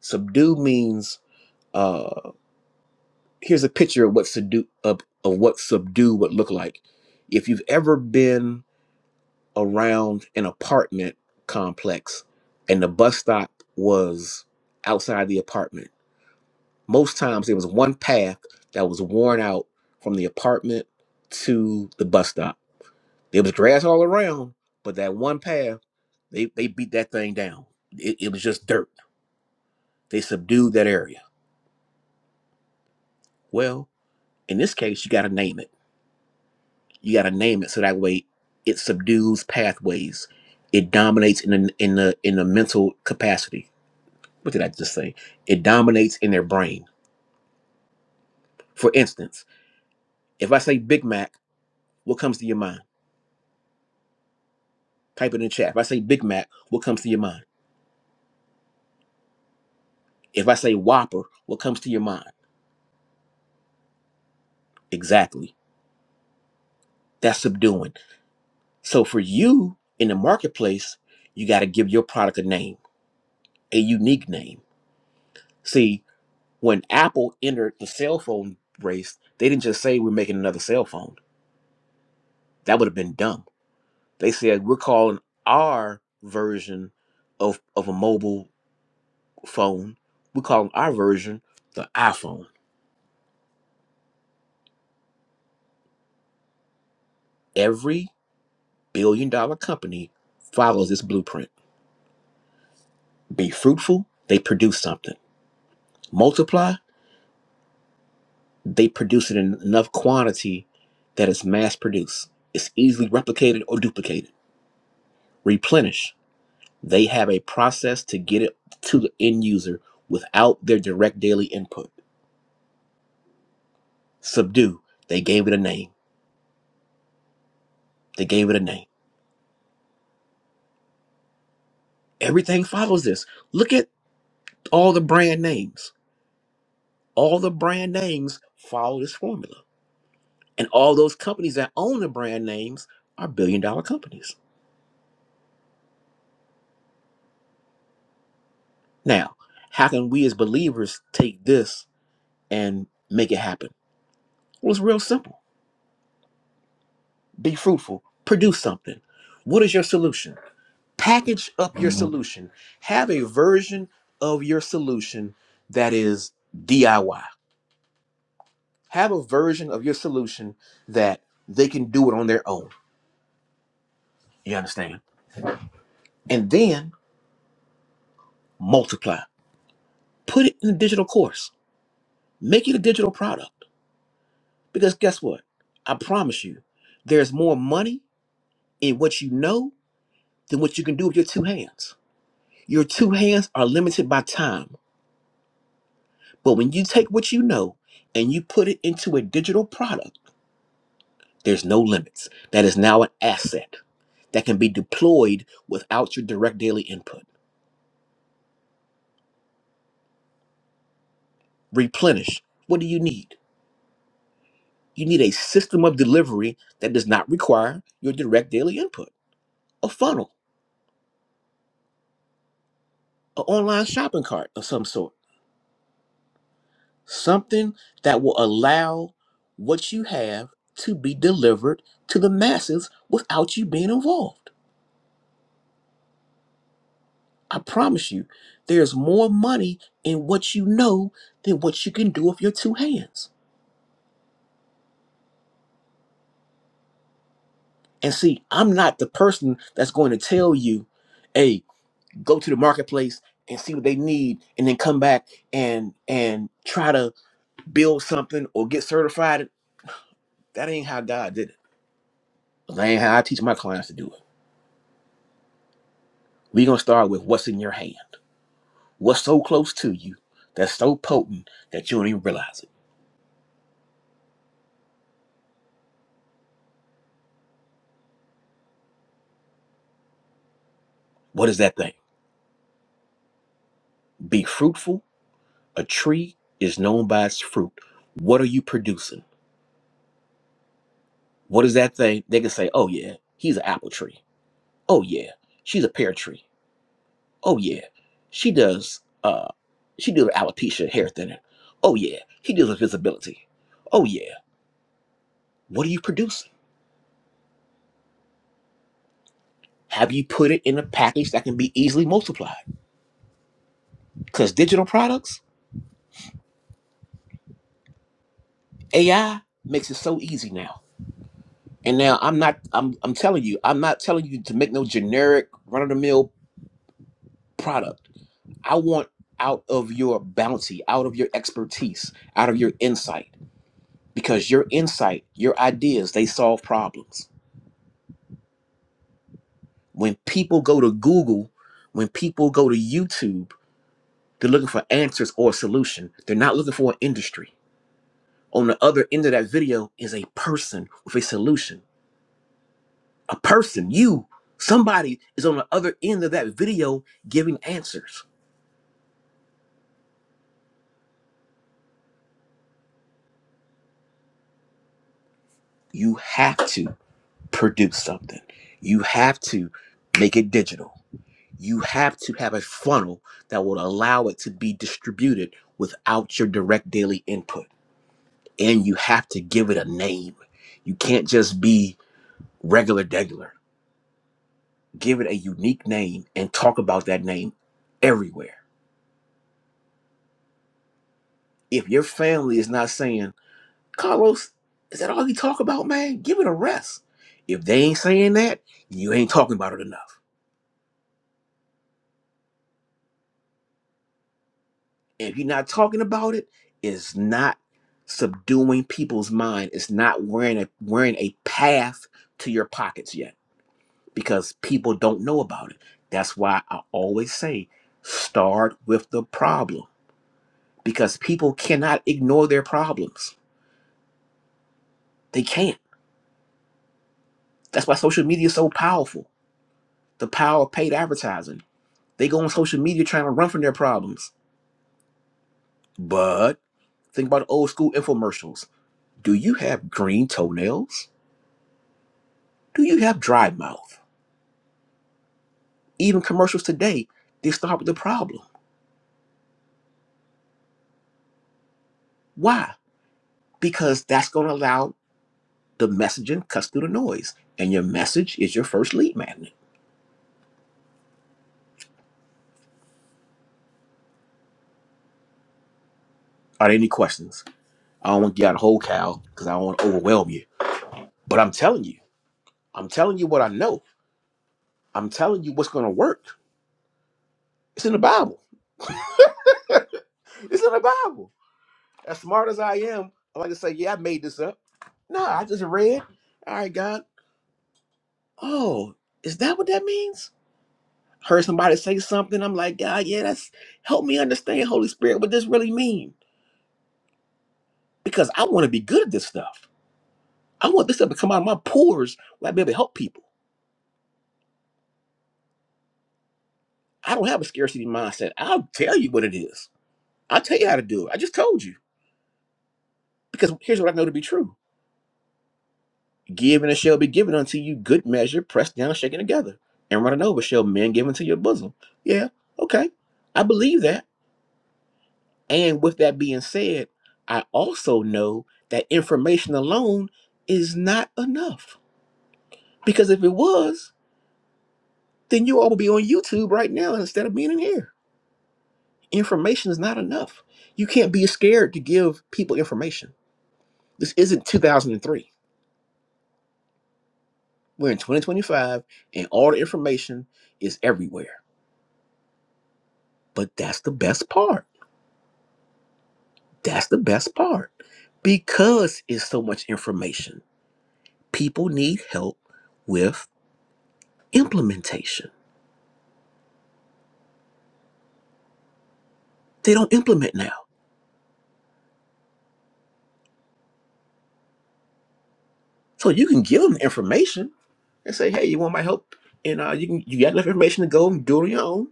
A: Subdue means uh here's a picture of what subdue of, of what subdue would look like. If you've ever been around an apartment complex and the bus stop was outside the apartment, most times there was one path that was worn out from the apartment to the bus stop There was grass all around, but that one path, they, they beat that thing down. It, it was just dirt. They subdued that area. Well, in this case, you got to name it. You got to name it so that way it subdues pathways. It dominates in the in the in the mental capacity. What did I just say? It dominates in their brain. For instance, if I say Big Mac, what comes to your mind? Type it in the chat. If I say Big Mac, what comes to your mind? If I say Whopper, what comes to your mind? Exactly. That's subduing. So for you in the marketplace, you got to give your product a name, a unique name. See, when Apple entered the cell phone race, they didn't just say we're making another cell phone. That would have been dumb. They said we're calling our version of of a mobile phone. We're calling our version the iPhone. Every billion dollar company follows this blueprint. Be fruitful, they produce something. Multiply, they produce it in enough quantity that it's mass produced. It's easily replicated or duplicated. Replenish. They have a process to get it to the end user without their direct daily input. Subdue. They gave it a name. They gave it a name. Everything follows this. Look at all the brand names. All the brand names follow this formula. And all those companies that own the brand names are billion dollar companies. Now, how can we as believers take this and make it happen? Well, it's real simple. Be fruitful, produce something. What is your solution? Package up your solution. Have a version of your solution that is DIY. Have a version of your solution that they can do it on their own. You understand? And then multiply. Put it in a digital course. Make it a digital product. Because guess what? I promise you, there's more money in what you know than what you can do with your two hands. Your two hands are limited by time But when you take what you know and you put it into a digital product, there's no limits. That is now an asset that can be deployed without your direct daily input. Replenish. What do you need? You need a system of delivery that does not require your direct daily input. A funnel, an online shopping cart of some sort. Something that will allow what you have to be delivered to the masses without you being involved. I promise you, there's more money in what you know than what you can do with your two hands. And see, I'm not the person that's going to tell you, hey, go to the marketplace and see what they need and then come back and and try to build something or get certified. That ain't how God did it. That ain't how I teach my clients to do it. We're gonna start with what's in your hand. What's so close to you that's so potent that you don't even realize it. What is that thing? Be fruitful A tree is known by its fruit. What are you producing? What is that thing? They can say, oh, yeah, he's an apple tree. Oh, yeah, she's a pear tree. Oh, yeah, she does, uh, she deals with alopecia, hair thinning. Oh, yeah, he deals with visibility. Oh, yeah, what are you producing? Have you put it in a package that can be easily multiplied? Because digital products, AI makes it so easy now. And now I'm not, I'm, I'm telling you, I'm not telling you to make no generic run of the mill product. I want out of your bounty, out of your expertise, out of your insight, because your insight, your ideas, they solve problems. When people go to Google, when people go to YouTube, they're looking for answers or a solution. They're not looking for an industry. On the other end of that video is a person with a solution. A person, you, somebody is on the other end of that video giving answers. You have to produce something. You have to make it digital you have to have a funnel that will allow it to be distributed without your direct daily input. And you have to give it a name. You can't just be regular degular. Give it a unique name and talk about that name everywhere. If your family is not saying, Carlos, is that all you talk about, man? Give it a rest. If they ain't saying that, you ain't talking about it enough. if you're not talking about it, it's not subduing people's mind. It's not wearing a wearing a path to your pockets yet because people don't know about it. That's why I always say start with the problem because people cannot ignore their problems. They can't. That's why social media is so powerful. The power of paid advertising. They go on social media trying to run from their problems. But think about old school infomercials. Do you have green toenails? Do you have dry mouth? Even commercials today, they start with the problem. Why? Because that's going to allow the messaging cuts through the noise, and your message is your first lead magnet. Are there any questions? I don't want to get out a whole cow because I don't want to overwhelm you. But I'm telling you, I'm telling you what I know. I'm telling you what's going to work. It's in the Bible. [LAUGHS] It's in the Bible. As smart as I am, I like to say, yeah, I made this up. No, I just read. All right, God. Oh, is that what that means? Heard somebody say something. I'm like, God, yeah, that's help me understand, Holy Spirit, what this really mean. Because I want to be good at this stuff. I want this stuff to come out of my pores where I be able to help people. I don't have a scarcity mindset. I'll tell you what it is. I'll tell you how to do it. I just told you. Because here's what I know to be true. Give and it shall be given unto you good measure, pressed down, shaken together. And running over shall men give unto your bosom. Yeah, okay. I believe that. And with that being said, I also know that information alone is not enough. Because if it was, then you all would be on YouTube right now instead of being in here. Information is not enough. You can't be scared to give people information. This isn't 2003. We're in 2025 and all the information is everywhere. But that's the best part. That's the best part. Because it's so much information, people need help with implementation They don't implement now. So you can give them information and say, hey, you want my help? And uh, you can you got enough information to go and do it on your own.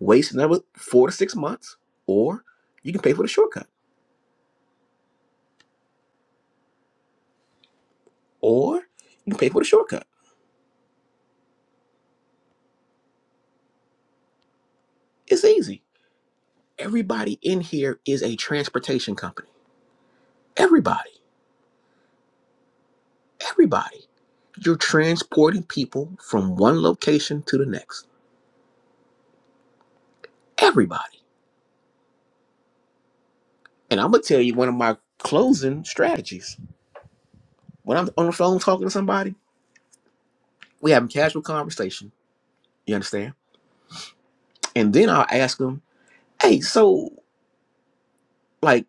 A: Waste another four to six months, or you can pay for the shortcut, or you can pay for the shortcut. It's easy. Everybody in here is a transportation company. Everybody, everybody. You're transporting people from one location to the next. Everybody. And I'm gonna tell you one of my closing strategies. When I'm on the phone talking to somebody, we have a casual conversation You understand? And then I'll ask him, "Hey, so like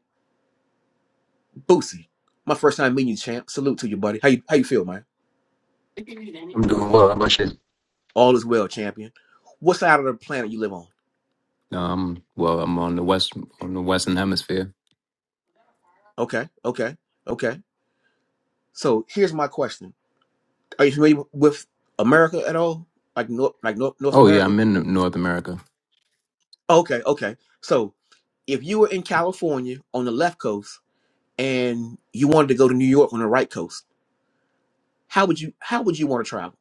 A: Boosie, my first time meeting you, champ. Salute to you, buddy. How you how you feel, man?
E: I'm doing well. How about you?
A: All is well, champion. What side of the planet you live on?
E: Um, well, I'm on the west on the western hemisphere.
A: Okay, okay, okay. So here's my question: Are you familiar with America at all? Like North, like North, North
E: Oh yeah,
A: America?
E: I'm in North America.
A: Okay, okay. So if you were in California on the left coast and you wanted to go to New York on the right coast, how would you how would you want to travel?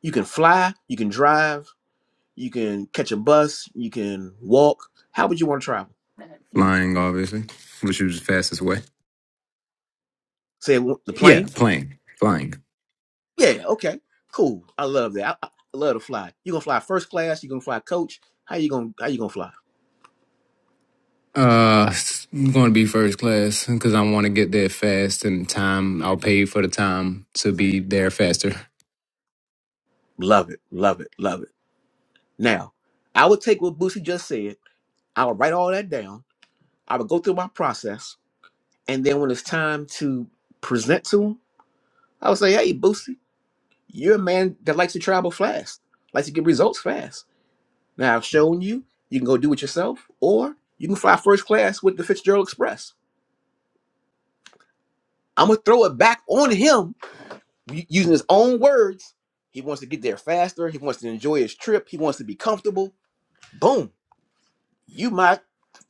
A: You can fly, you can drive, you can catch a bus, you can walk. How would you want to travel?
E: Flying, obviously, which is the fastest way.
A: Say the
E: Yeah,
A: plane?
E: plane, flying.
A: Yeah, okay, cool. I love that. I, I love to fly. You gonna fly first class? You gonna fly coach? How you gonna How you gonna fly?
E: Uh, i I'm going to be first class because I want to get there fast and time. I'll pay for the time to be there faster.
A: Love it, love it, love it. Now, I would take what Boosie just said. I would write all that down. I would go through my process, and then when it's time to present to him, I would say, "Hey, Boosie, you're a man that likes to travel fast, likes to get results fast. Now I've shown you, you can go do it yourself, or you can fly first class with the Fitzgerald Express. I'm gonna throw it back on him u- using his own words. He wants to get there faster. He wants to enjoy his trip. He wants to be comfortable. Boom, you my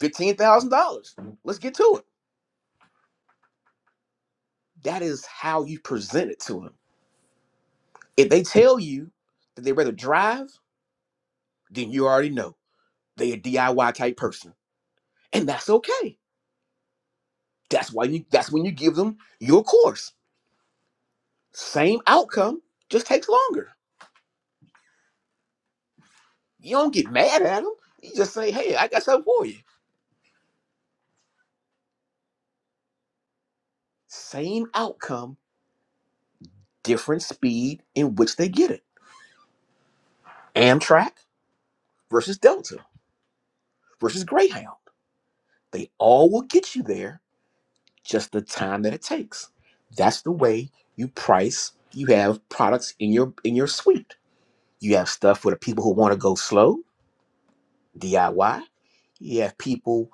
A: fifteen thousand dollars. Let's get to it. That is how you present it to him. If they tell you that they rather drive, then you already know they a DIY type person, and that's okay. That's why you. That's when you give them your course Same outcome, just takes longer. You don't get mad at them. You just say, hey, I got something for you. Same outcome, different speed in which they get it. Amtrak versus Delta versus Greyhound. They all will get you there, just the time that it takes. That's the way you price. You have products in your in your suite. You have stuff for the people who want to go slow, DIY. You have people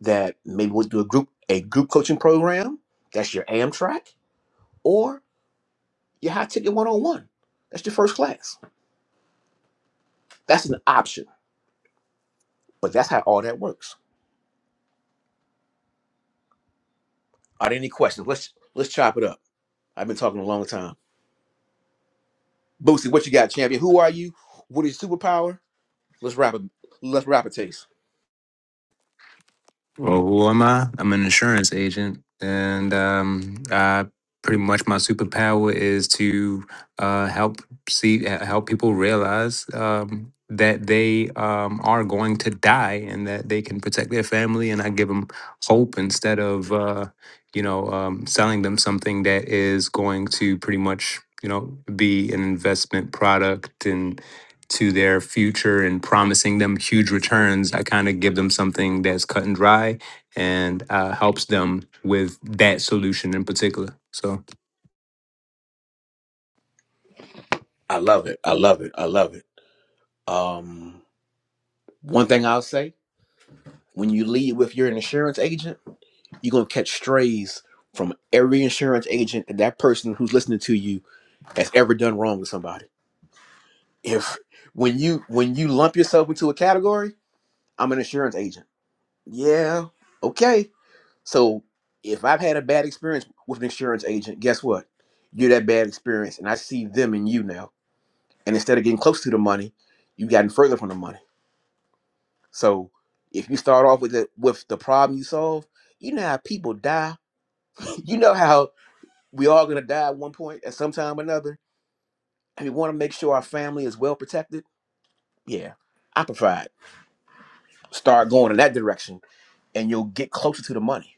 A: that maybe would do a group a group coaching program. That's your Amtrak or your high ticket one on one. That's your first class. That's an option, but that's how all that works. Are there any questions? Let's let's chop it up. I've been talking a long time. Boosie, what you got, champion? Who are you? What is your superpower? Let's wrap it. Let's wrap it, taste.
E: Well, who am I? I'm an insurance agent, and um, I pretty much my superpower is to uh, help see uh, help people realize um, that they um, are going to die and that they can protect their family, and I give them hope instead of uh, you know um, selling them something that is going to pretty much you know be an investment product and to their future and promising them huge returns, I kind of give them something that's cut and dry and uh, helps them with that solution in particular. So,
A: I love it. I love it. I love it. Um, One thing I'll say: when you lead with your insurance agent, you're gonna catch strays from every insurance agent and that person who's listening to you has ever done wrong to somebody. If when you when you lump yourself into a category, I'm an insurance agent. Yeah, okay. So if I've had a bad experience with an insurance agent, guess what? You're that bad experience, and I see them in you now. And instead of getting close to the money, you've gotten further from the money. So if you start off with the with the problem you solve, you know how people die. [LAUGHS] You know how we all gonna die at one point at some time or another, and we want to make sure our family is well protected. Yeah, I provide. Start going in that direction, and you'll get closer to the money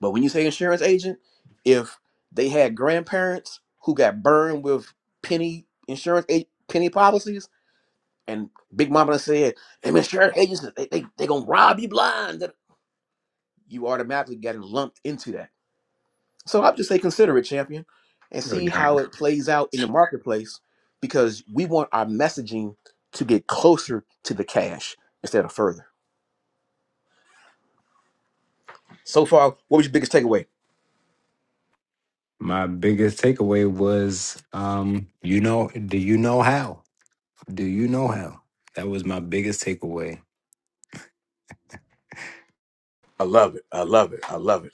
A: But when you say insurance agent, if they had grandparents who got burned with penny insurance a- penny policies, and Big Mama done said, "Them insurance agents they they they gonna rob you blind," that- you automatically getting lumped into that. So I just say consider it, champion, and
E: there
A: see
E: you
A: how it plays out in the marketplace, because we want our messaging to get closer to the cash instead of further. So far, what was your biggest takeaway?
E: My biggest takeaway was, um, you know, do you know how? Do you know how? That was my biggest takeaway.
A: I love it. I love it. I love it.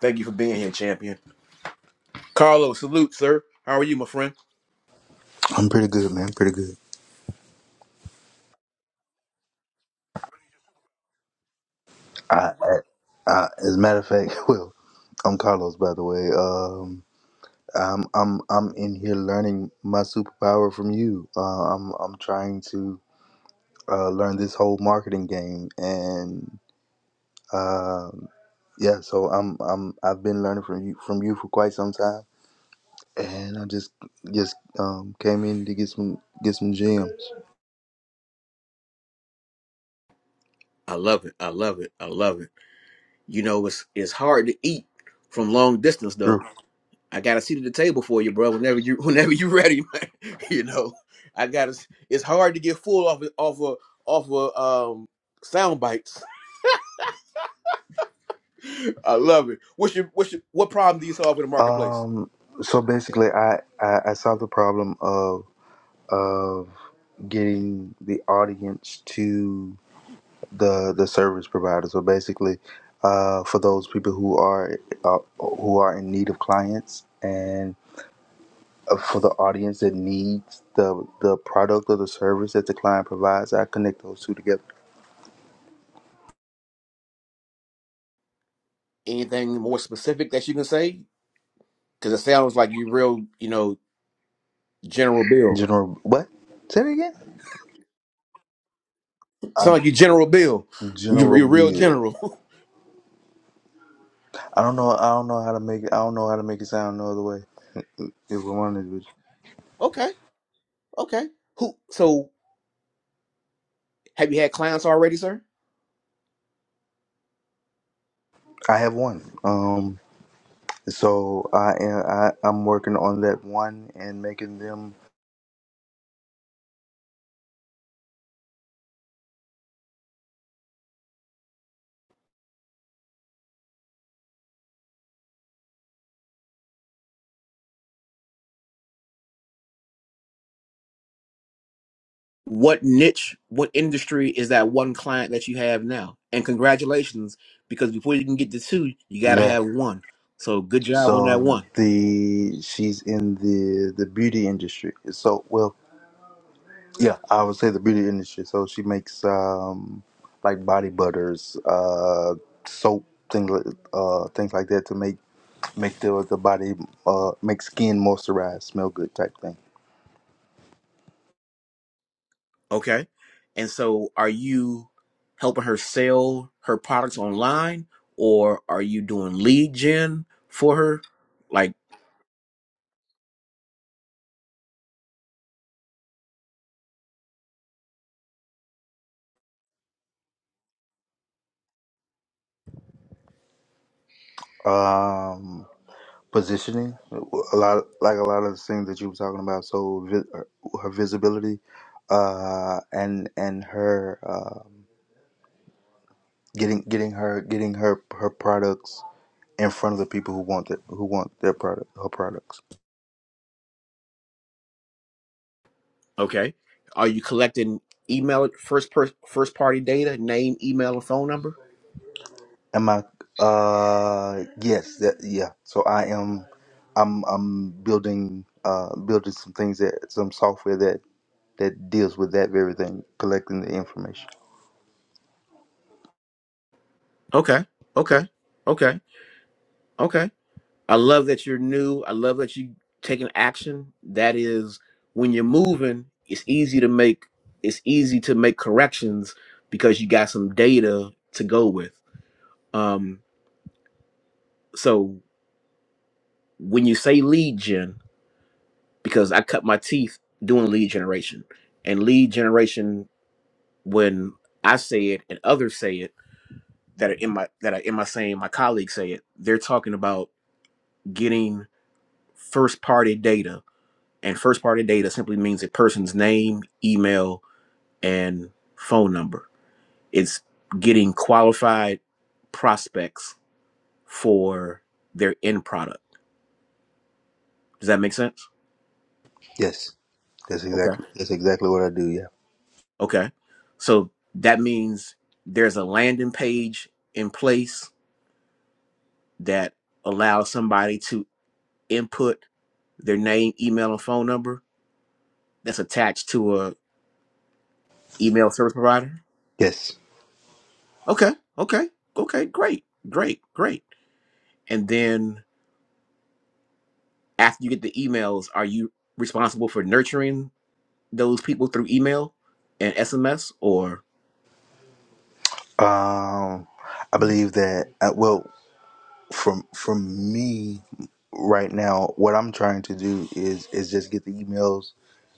A: Thank you for being here, champion. Carlo, salute, sir. How are you, my friend?
F: I'm pretty good, man. Pretty good. I, I, I, as a matter of fact, [LAUGHS] well, I'm Carlos, by the way. Um, I'm I'm I'm in here learning my superpower from you. Uh, I'm I'm trying to uh, learn this whole marketing game, and um, yeah, so I'm I'm I've been learning from you from you for quite some time, and I just just um, came in to get some get some gems.
A: I love it. I love it. I love it. You know, it's it's hard to eat from long distance though.
F: Sure.
A: I got a seat at the table for you, bro. Whenever you [LAUGHS] whenever you ready, man. [LAUGHS] you know, I got to It's hard to get full off of- off of off of um sound bites. [LAUGHS] I love it. What's your what's your, what problem do you solve in the marketplace?
F: Um. So basically, I I, I solved the problem of of. getting the audience to the the service provider. So basically, uh, for those people who are uh, who are in need of clients, and uh, for the audience that needs the the product or the service that the client provides, I connect those two together.
A: Anything more specific that you can say? Because it sounds like you real, you know, General Bill.
F: General, what? Say it again.
A: Sound
F: Um,
A: like you General Bill. You
F: General
A: are real
F: Bill.
A: general. [LAUGHS]
F: I don't know. I don't know how to make it. I don't know how to make it sound no other way. If we're honest with
A: Okay. Okay. Who? So have you had clients already, sir?
F: you. I have one. Um. So I am I, I'm working on that one and making them.
A: what niche, what industry is that one client that you have now? And congratulations, because before you can get to two, you got to
F: Yeah.
A: have one. So good job on that
F: So th-
A: one.
F: the she's in the the beauty industry. So well, yeah, I would say the beauty industry. So she makes um like body butters, uh, soap things like uh things like that to make make the the body uh make skin moisturized, smell good type thing.
A: Okay. And so are you helping her sell her products online or are you doing lead gen for her? Like,
F: Um. positioning a lot like a lot of the things that you were talking about so vi- uh, her visibility uh and and her um getting getting her getting her her products in front of the people who want it who want their product her products
A: okay. Are you collecting email first per, first party data, name, email, and phone number?
F: am i uh yes that yeah so i am i'm i'm building uh building some things that some software that that deals with that very thing collecting the information
A: Okay. Okay. Okay. Okay. I love that you're new. I love that you taking action. That is when you're moving, it's easy to make it's easy to make corrections because you got some data to go with. Um. So when you say lead gen, because I cut my teeth doing lead generation, and lead generation, when I say it and others say it that are in my that are in my same, my colleagues say it, they're talking about getting first party data, and first party data simply means a person's name, email, and phone number. It's getting qualified prospects for their end product. Does that make sense?
F: yes that's
A: Okay.
F: exactly that's exactly what i do yeah
A: Okay. So that means there's a landing page in place that allows somebody to input their name, email, and phone number that's attached to a email service provider.
F: yes
A: Okay. Okay. Okay. Great. Great. Great. And then after you get the emails, are you responsible for nurturing those people through email and SMS or
F: Um, I believe that uh, well, from from me right now, what I'm trying to do is is just get the emails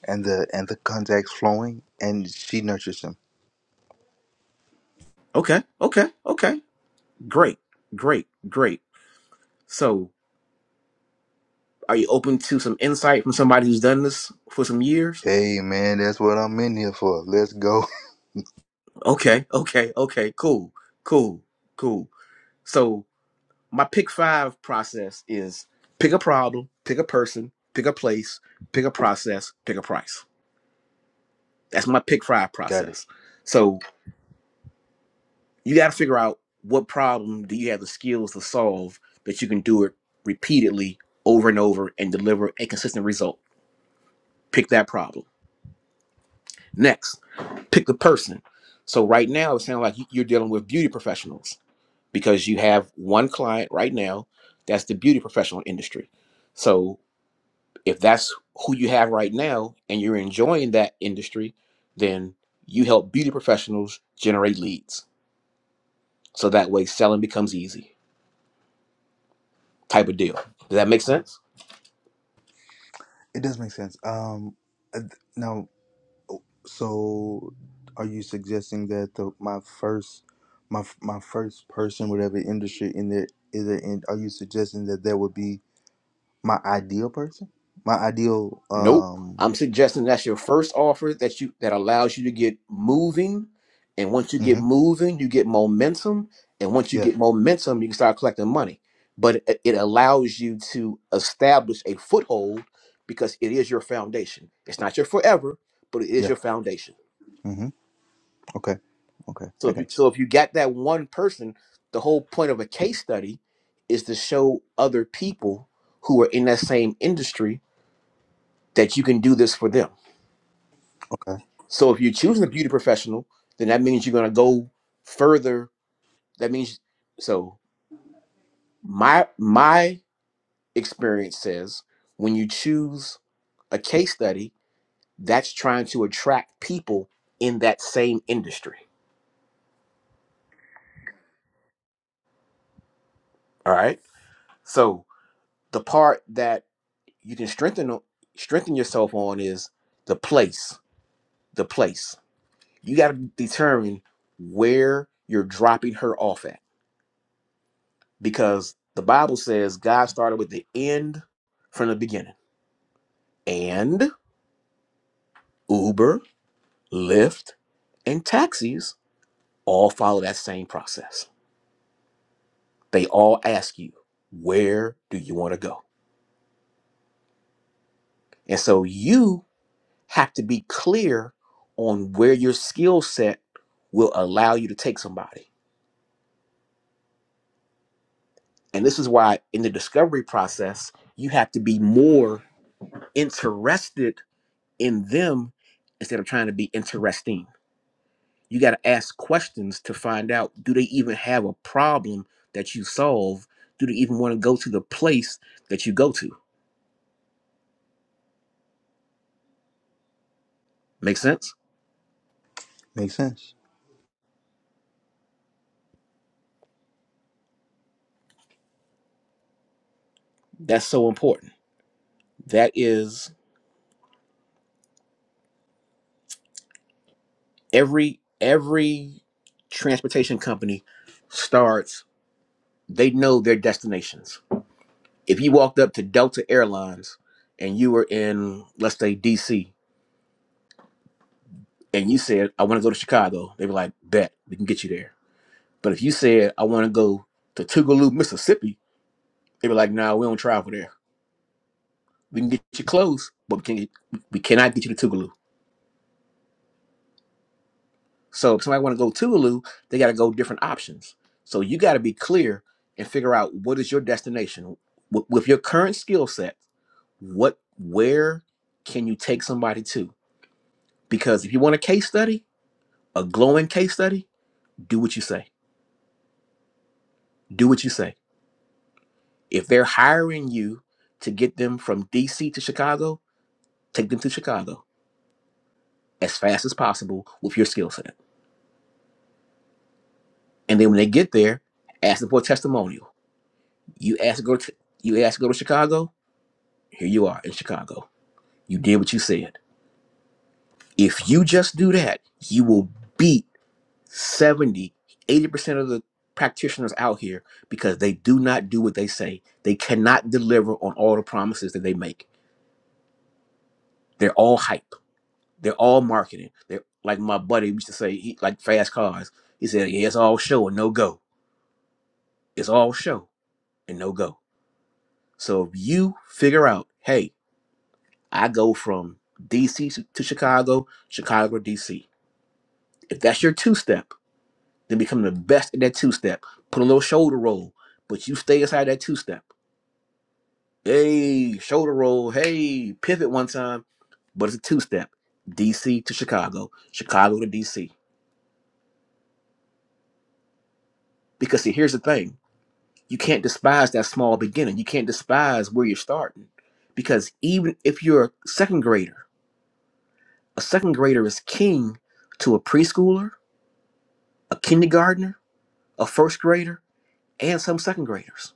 F: and the and the contacts flowing, and she nurtures them.
A: okay. Okay. Okay. Great. Great. Great. So Are you open to some insight from somebody who's done this for some years?
F: Hey man, that's what I'm in here for. Let's go.
A: Okay, okay, okay, cool, cool, cool. So my pick five process is pick a problem, pick a person, pick a place, pick a process, pick a price. That's my pick five
F: [LAUGHS] Got it.
A: process. So you got to figure out what problem do you have the skills to solve that you can do it repeatedly over and over and deliver a consistent result. Pick that problem. Next pick the person. So right now, it sounds like you- you're dealing with beauty professionals because you have one client right now that's the beauty professional industry. So if that's who you have right now and you're enjoying that industry, then you help beauty professionals generate leads. So that way, selling becomes easy type of deal. Does that make sense?
F: It does make sense. Um, uh, th- now, so are you suggesting that the my first my f- my first person, whatever industry in there is there in, are you suggesting that there would be My ideal person? My ideal
A: Nope.
F: um
A: I'm suggesting that's your first offer that you that allows you to get moving. And once you get
F: hmm
A: moving, you get momentum. And once you
F: yeah,
A: get momentum, you can start collecting money. But it, it allows you to establish a foothold because it is your foundation. It's not your forever, but it is
F: yeah.
A: your foundation.
F: hmm Okay. Okay.
A: So
F: I
A: if you,
F: got you.
A: so if you got that one person, the whole point of a case study is to show other people who are in that same industry that you can do this for them
F: Okay.
A: So if you're choosing a beauty professional, then that means you're going to go further. That means so my my experience says when you choose a case study, that's trying to attract people in that same industry. All right? So the part that you can strengthen o- strengthen yourself on is the place, the place. You got to determine where you're dropping her off at because the Bible says God started with the end from the beginning. And Uber, Lyft, and taxis all follow that same process. They all ask you, where do you want to go? And so you have to be clear on where your skill set will allow you to take somebody. And this is why in the discovery process, you have to be more interested in them instead of trying to be interesting You got to ask questions to find out do they even have a problem that you solve? Do they even want to go to the place that you go to? Make sense?
F: Makes sense.
A: That's so important. That is every every transportation company starts they know their destinations. If you walked up to Delta Airlines and you were in let's say DC and you said I want to go to Chicago, they were like, "Bet, we can get you there." But if you said I want to go to Tougaloo, Mississippi, They were like, nah, we don't travel there. We can get you close, but we, can, we cannot get you to Tougaloo. So if somebody want to go Tougaloo, they got to go different options. So you got to be clear and figure out what is your destination with, with your current skill set. What, where can you take somebody to? Because if you want a case study, a glowing case study, do what you say. Do what you say. If they're hiring you to get them from DC to Chicago, take them to Chicago as fast as possible with your skill set And then when they get there, ask them for a testimonial. You ask to go to you ask to go to Chicago. Here you are in Chicago. You did what you said. If you just do that, you will beat seventy, eighty percent of the practitioners out here because they do not do what they say. They cannot deliver on all the promises that they make. They're all hype. They're all marketing. They're like my buddy used to say, he like fast cars. He said, Yeah, it's all show and no go. It's all show and no go. So if you figure out, hey, I go from DC to to Chicago, Chicago to DC. If that's your two step, then become the best at that two step. Put a little shoulder roll, but you stay inside that two step. Hey, shoulder roll. Hey, pivot one time, but it's a two step. DC to Chicago, Chicago to DC. Because see, here's the thing you can't despise that small beginning. You can't despise where you're starting. Because even if you're a second grader, a second grader is king to a preschooler, a kindergartner, a first grader and some second graders.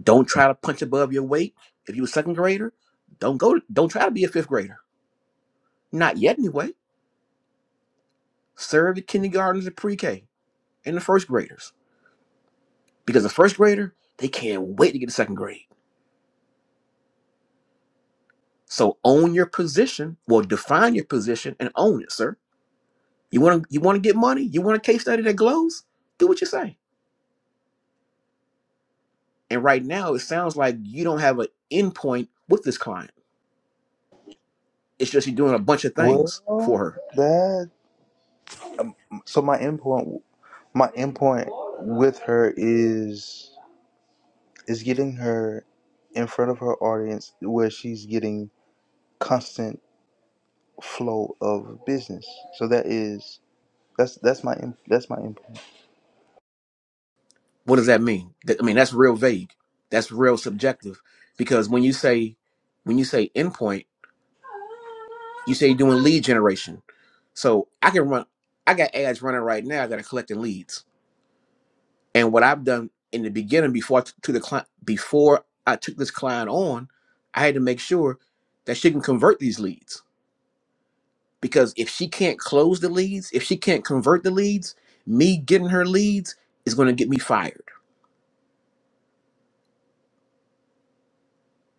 A: Don't try to punch above your weight. If you're a second grader, don't go. Don't try to be a fifth grader. Not yet, anyway. Serve the kindergartners and pre-K and the first graders because the first grader they can't wait to get to second grade. So own your position. Well, define your position and own it, sir. You want to you want to get money. You want a case study that glows. Do what you say. And right now, it sounds like you don't have an endpoint with this client. It's just you're doing a bunch of things for
F: Well
A: her
F: that so my endpoint my endpoint with her is is getting her in front of her audience where she's getting constant flow of business. So that is that's that's my end- that's my endpoint.
A: What does that mean? That- I mean, that's real vague. That's real subjective because when you say when you say endpoint, you say you're doing lead generation. So I can run. I got ads running right now that are collecting leads. And what I've done in the beginning before I t- to the client before I took this client on, I had to make sure that she can convert these leads because if she can't close the leads, if she can't convert the leads, me getting her leads is going to get me fired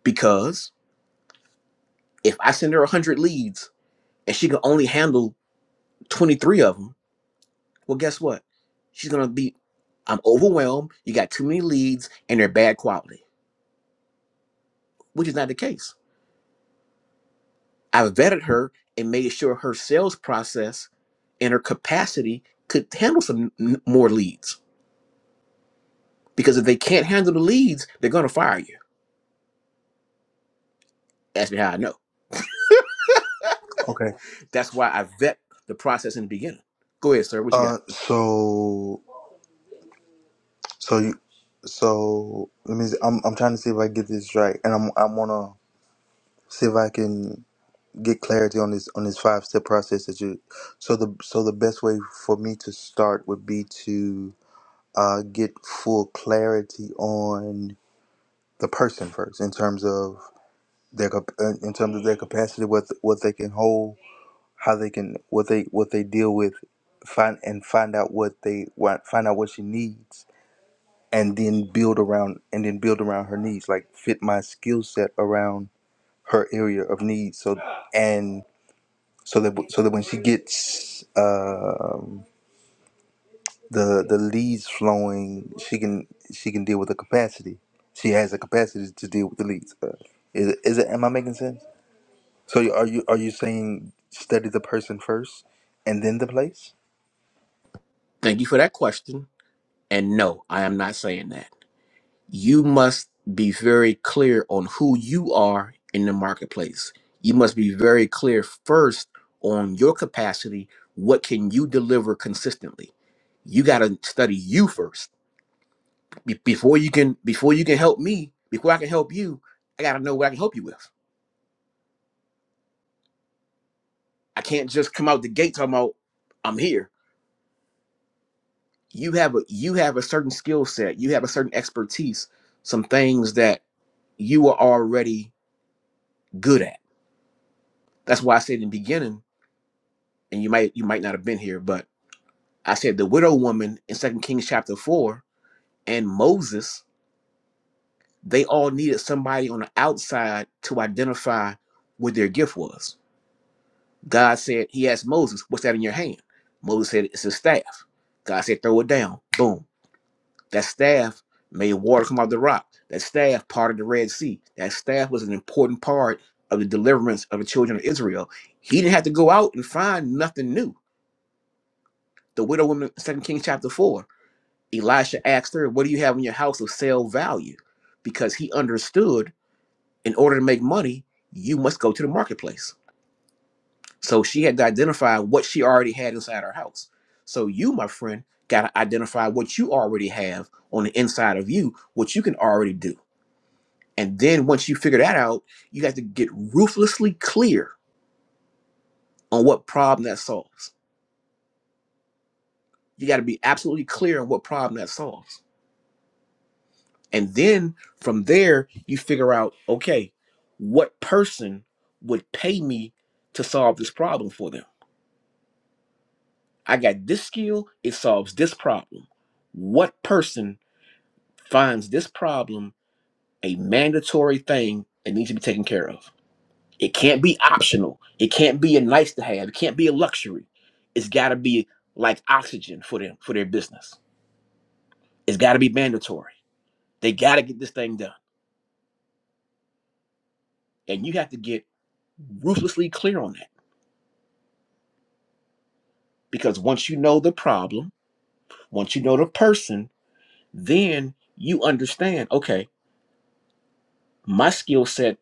A: because if I send her 100 leads and she can only handle 23 of them, well, guess what? She's going to be, I'm overwhelmed. You got too many leads and they're bad quality, which is not the case. I vetted her and made sure her sales process and her capacity could handle some n- more leads because if they can't handle the leads, they're going to fire you. Ask me how I know.
F: Okay.
A: That's why I vet the process in the beginning. Go ahead, sir. What you got?
F: Uh so So you, so let me. See, I'm I'm trying to see if I get this right, and I'm I wanna see if I can get clarity on this on this five step process that you. So the so the best way for me to start would be to uh, get full clarity on the person first, in terms of their cap- uh, in terms of their capacity, what what they can hold, how they can what they what they deal with, find and find out what they want, find out what she needs and then build around and then build around her needs like fit my skill set around her area of need so and so that so that when she gets um the the leads flowing she can she can deal with the capacity she has the capacity to deal with the leads uh, is, it- is it am i making sense so you- are you are you saying study the person first and then the place
A: Thank you for that question. And no, I am not saying that. You must be very clear on who you are in the marketplace. You must be very clear first on your capacity. What can you deliver consistently? You got to study you first Be- before you can before you can help me. Before I can help you, I got to know what I can help you with. I can't just come out the gate talking about I'm here. You have a you have a certain skill set. You have a certain expertise. Some things that you are already good at That's why I said in the beginning, and you might you might not have been here, but I said the widow woman in Second Kings chapter four and Moses, they all needed somebody on the outside to identify what their gift was. God said, He asked Moses, What's that in your hand? Moses said, It's a staff. God said, Throw it down. Boom. That staff made water come out of the rock. That staff parted the Red Sea. That staff was an important part of the deliverance of the children of Israel. He didn't have to go out and find nothing new The widow woman, Second Kings chapter 4. Elisha asked her, What do you have in your house of sale value? Because he understood in order to make money, you must go to the marketplace. So she had to identify what she already had inside her house. So you, my friend, got to identify what you already have on the inside of you, what you can already do. And then once you figure that out, you have to get ruthlessly clear on what problem that solves. You got to be absolutely clear on what problem that solves And then from there, you figure out, okay, what person would pay me to solve this problem for them? I got this skill, it solves this problem. What person finds this problem a mandatory thing that needs to be taken care of? It can't be optional. It can't be a nice to have. It can't be a luxury. It's got to be like oxygen for them for their business. It's got to be mandatory. They got to get this thing done. And you have to get ruthlessly clear on that Because once you know the problem, once you know the person, then you understand okay, my skill set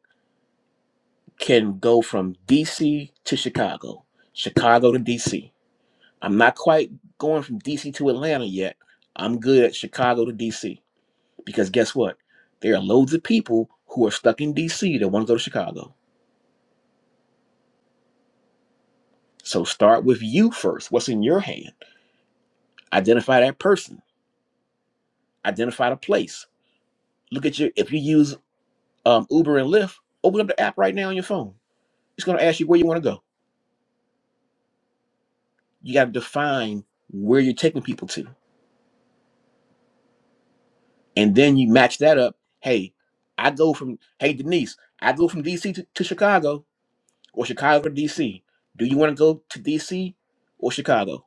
A: can go from DC to Chicago, Chicago to DC. I'm not quite going from DC to Atlanta yet. I'm good at Chicago to DC. Because guess what? There are loads of people who are stuck in DC that want to go to Chicago. So start with you first. What's in your hand? Identify that person, identify the place. Look at your, if you use um, Uber and Lyft, open up the app right now on your phone. It's going to ask you where you want to go. You got to define where you're taking people to, and then you match that up. Hey, I go from hey Denise, I go from DC to, to Chicago or Chicago to DC. Do you want to go to DC or Chicago?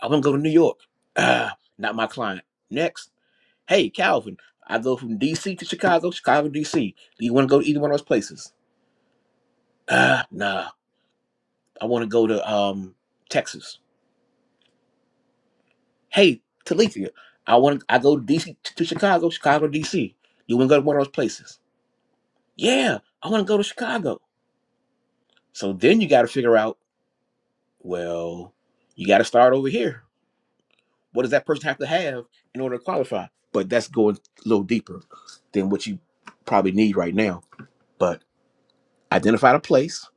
A: I want to go to New York. Ah, not my client. Next, hey Calvin, I go from DC to Chicago, Chicago to DC. Do you want to go to either one of those places? Ah, nah, I want to go to um Texas. Hey, Talithia, I want to. I go to DC to Chicago, Chicago DC. You want to go to one of those places? Yeah, I want to go to Chicago. So then you got to figure out. Well, you got to start over here. What does that person have to have in order to qualify? But that's going a little deeper than what you probably need right now. But identify the place,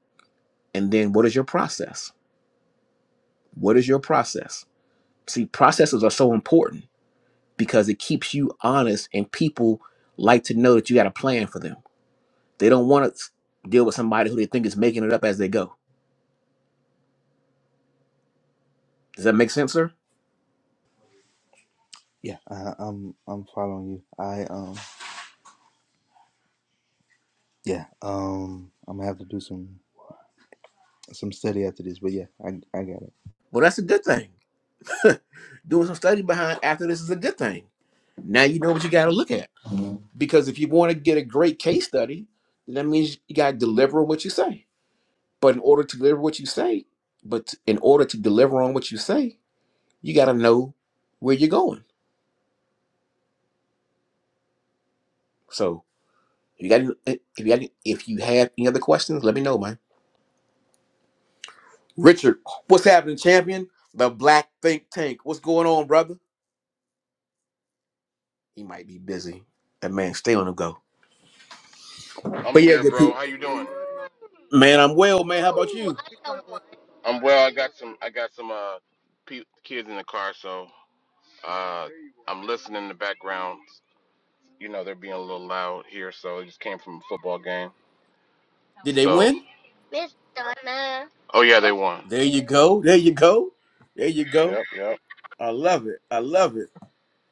A: and then what is your process? What is your process? See, processes are so important because it keeps you honest, and people like to know that you got a plan for them They don't want to deal with somebody who they think is making it up as they go. Does that make sense, sir?
F: yeah I, i'm i'm following you i um yeah um i'm gonna have to do some some study after this, but yeah, I I got it.
A: Well, that's a good thing. [LAUGHS] Doing some study behind after this is a good thing. Now you know what you got to look at. Because if you want to get a great case study, then that means you got to deliver on what you say. But in order to deliver what you say, but in order to deliver on what you say, you got to know where you're going. So if you got any- eh, if you got any- if you have any other questions, let me know, man. Richard, what's happening, champion? The Black Think Tank. What's going on, brother? He might be busy. That man stay on the go.
G: I'm
A: But yeah,
G: here,
A: good
G: bro.
A: people.
G: How you doing?
A: Man, I'm well, man. How about you?
G: I'm well. I got some. I got some uh pe- kids in the car, so uh I'm listening in the background. You know they're being a little loud here, so it just came from a football game.
A: Did they
G: So.
A: win?
G: Miss Donna. Oh yeah, they won.
A: There you
G: Demon.
A: go. There you go. There you go.
G: Yep, yep.
A: I love it. I love it.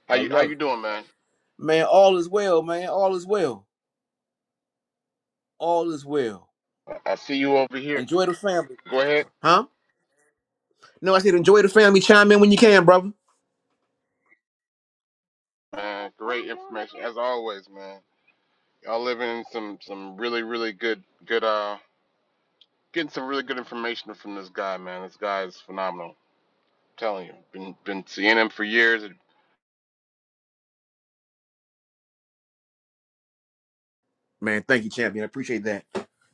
G: How
A: I
G: you How
A: love
G: you
A: it.
G: doing, man?
A: Man, all is well, man. All is well. All is well.
G: I see you over here.
A: Enjoy the family.
G: Go ahead.
A: Huh? No, I said enjoy the family. Chime in when you can, brother.
G: Man, great information as always, man. Y'all living in some some really really good good uh Getting some really good information from this guy, man. This guy is phenomenal. I'm telling you, been been seeing him for years.
A: Man, thank you, champion. I appreciate that.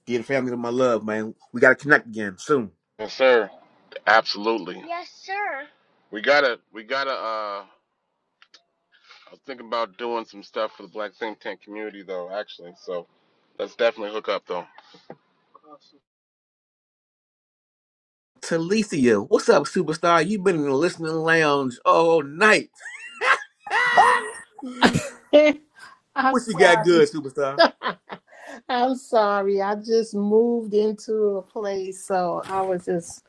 A: Give the family my love, man. We gotta connect again soon.
G: Yes, sir. Absolutely. Yes, sir. We gotta, we gotta. Uh, I was thinking about doing some stuff for the Black Think Tank community, though. Actually, so let's definitely hook up, though.
A: Talicia, what's up, superstar? You've been in the listening lounge all night. [LAUGHS]
H: [LAUGHS] I'm
A: what you got
H: sorry.
A: good, superstar?
H: [LAUGHS] I'm sorry. I just moved into a place, so I was just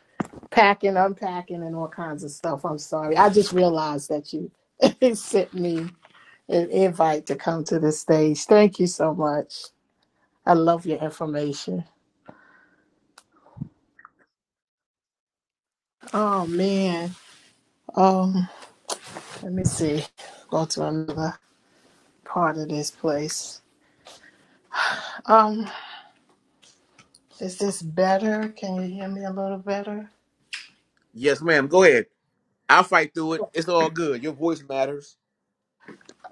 H: packing, unpacking, and all kinds of stuff. I'm sorry. I just realized that you [LAUGHS] sent me an invite to come to the stage. Thank you so much. I love your information. Oh man. Um, let me see. Go to another part of this place. Um, is this better? Can you hear me a little better?
A: Yes, ma'am. Go ahead. I'll fight through it. It's all good. Your voice matters.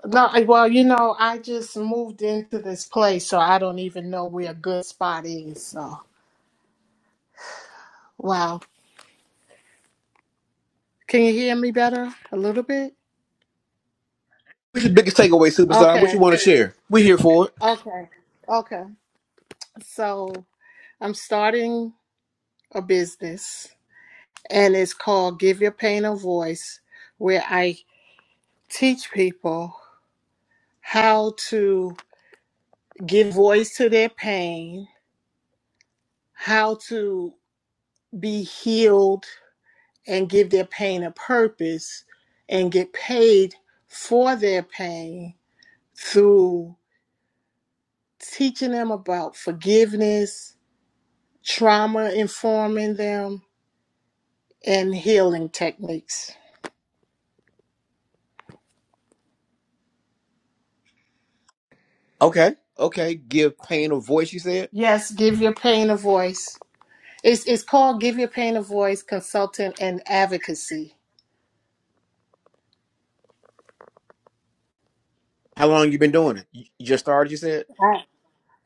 H: No, I- well, you know, I just moved into this place, so I don't even know where a good spot is. So, wow. Can you hear me better a little bit?
A: What's your biggest takeaway, superstar? What you
H: Okay.
A: want to share? We're here for it.
H: Okay. Okay. So, I'm starting a business, and it's called Give Your Pain a Voice, where I teach people how to give voice to their pain, how to be healed and give their pain a purpose and get paid for their pain through teaching them about forgiveness, trauma informing them, and healing techniques.
A: Okay. Okay. Give pain a voice, you said?
H: Yes, give your pain a voice. It's, it's called Give Your Pain a Voice Consultant and Advocacy.
A: How long you been doing it? You you just started, you said?
H: I,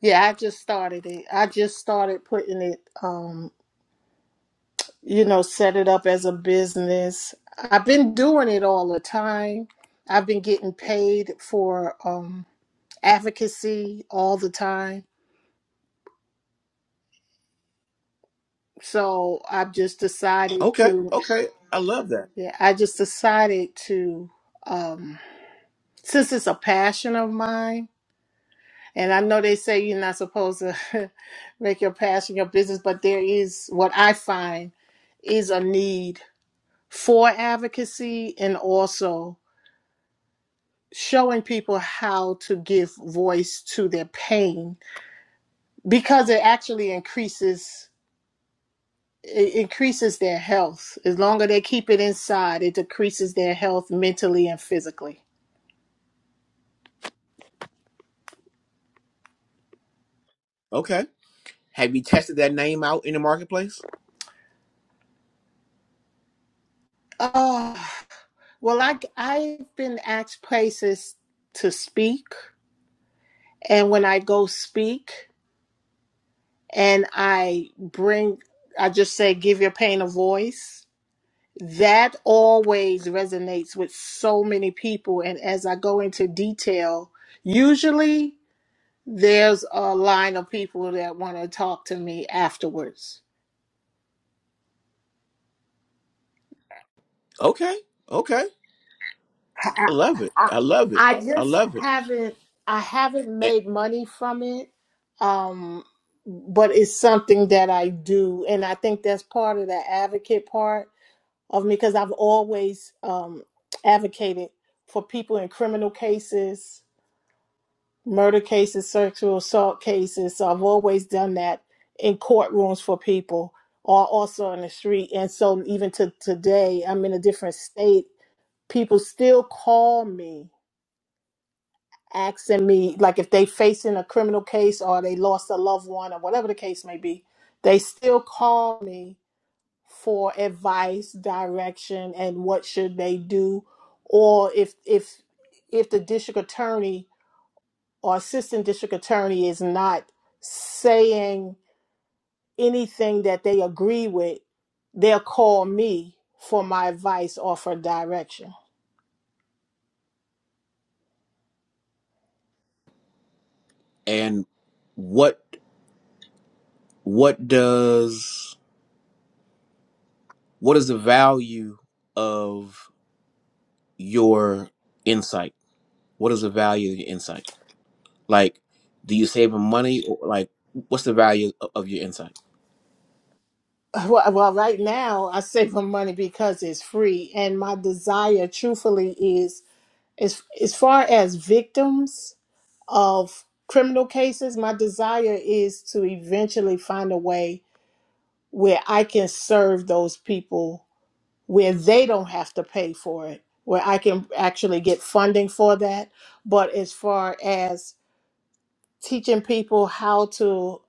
H: yeah, I just started it. I just started putting it. um, you know, set it up as a business. I've been doing it all the time. I've been getting paid for um, advocacy all the time. So I've just decided
A: Okay.
H: to,
A: Okay. I love that.
H: yeah, I just decided to, um, since it's a passion of mine, and I know they say you're not supposed to [LAUGHS] make your passion your business, but there is what I find is a need for advocacy and also showing people how to give voice to their pain because it actually increases it increases their health as long as they keep it inside it decreases their health mentally and physically
A: Okay. Have you tested that name out in the marketplace?
H: oh well i i've been asked places to speak and when i go speak and i bring i just say give your pain a voice that always resonates with so many people. And as I go into detail, usually there's a line of people that want to talk to me afterwards.
A: Okay. Okay.
H: I,
A: I love it.
H: I,
A: I love it.
H: I
A: I
H: just
A: love it.
H: haven't, I haven't
A: And,
H: made money from it. Um, but it's something that I do. And I think that's part of the advocate part of me because I've always um, advocated for people in criminal cases murder cases, sexual assault cases. So I've always done that in courtrooms for people or also on the street. And so even to today, I'm in a different state. People still call me asking me like if they facing a criminal case or they lost a loved one or whatever the case may be, they still call me for advice, direction and what should they do or if if if the district attorney or assistant district attorney is not saying anything that they agree with, they'll call me for my advice or for direction. [LAUGHS]
A: and what what does what is the value of your insight? What is the value of your insight? Like, do you save them money? Or like, what's the value of of your insight?
H: Well, well, right now I save my money because it's free, and my desire, truthfully, is as as far as victims of criminal cases, my desire is to eventually find a way where I can serve those people where they don't have to pay for it, where I can actually get funding for that. But as far as teaching people how to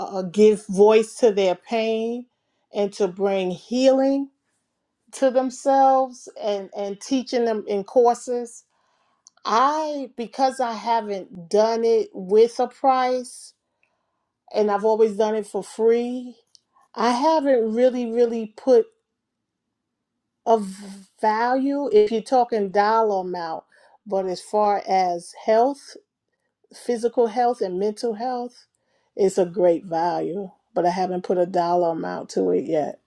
H: uh, give voice to their pain and to bring healing to themselves and, and teaching them in courses, I, because I haven't done it with a price and I've always done it for free, I haven't really, really put of value if you're talking dollar amount, but as far as health, physical health, and mental health, it's a great value. But I haven't put a dollar amount to it yet.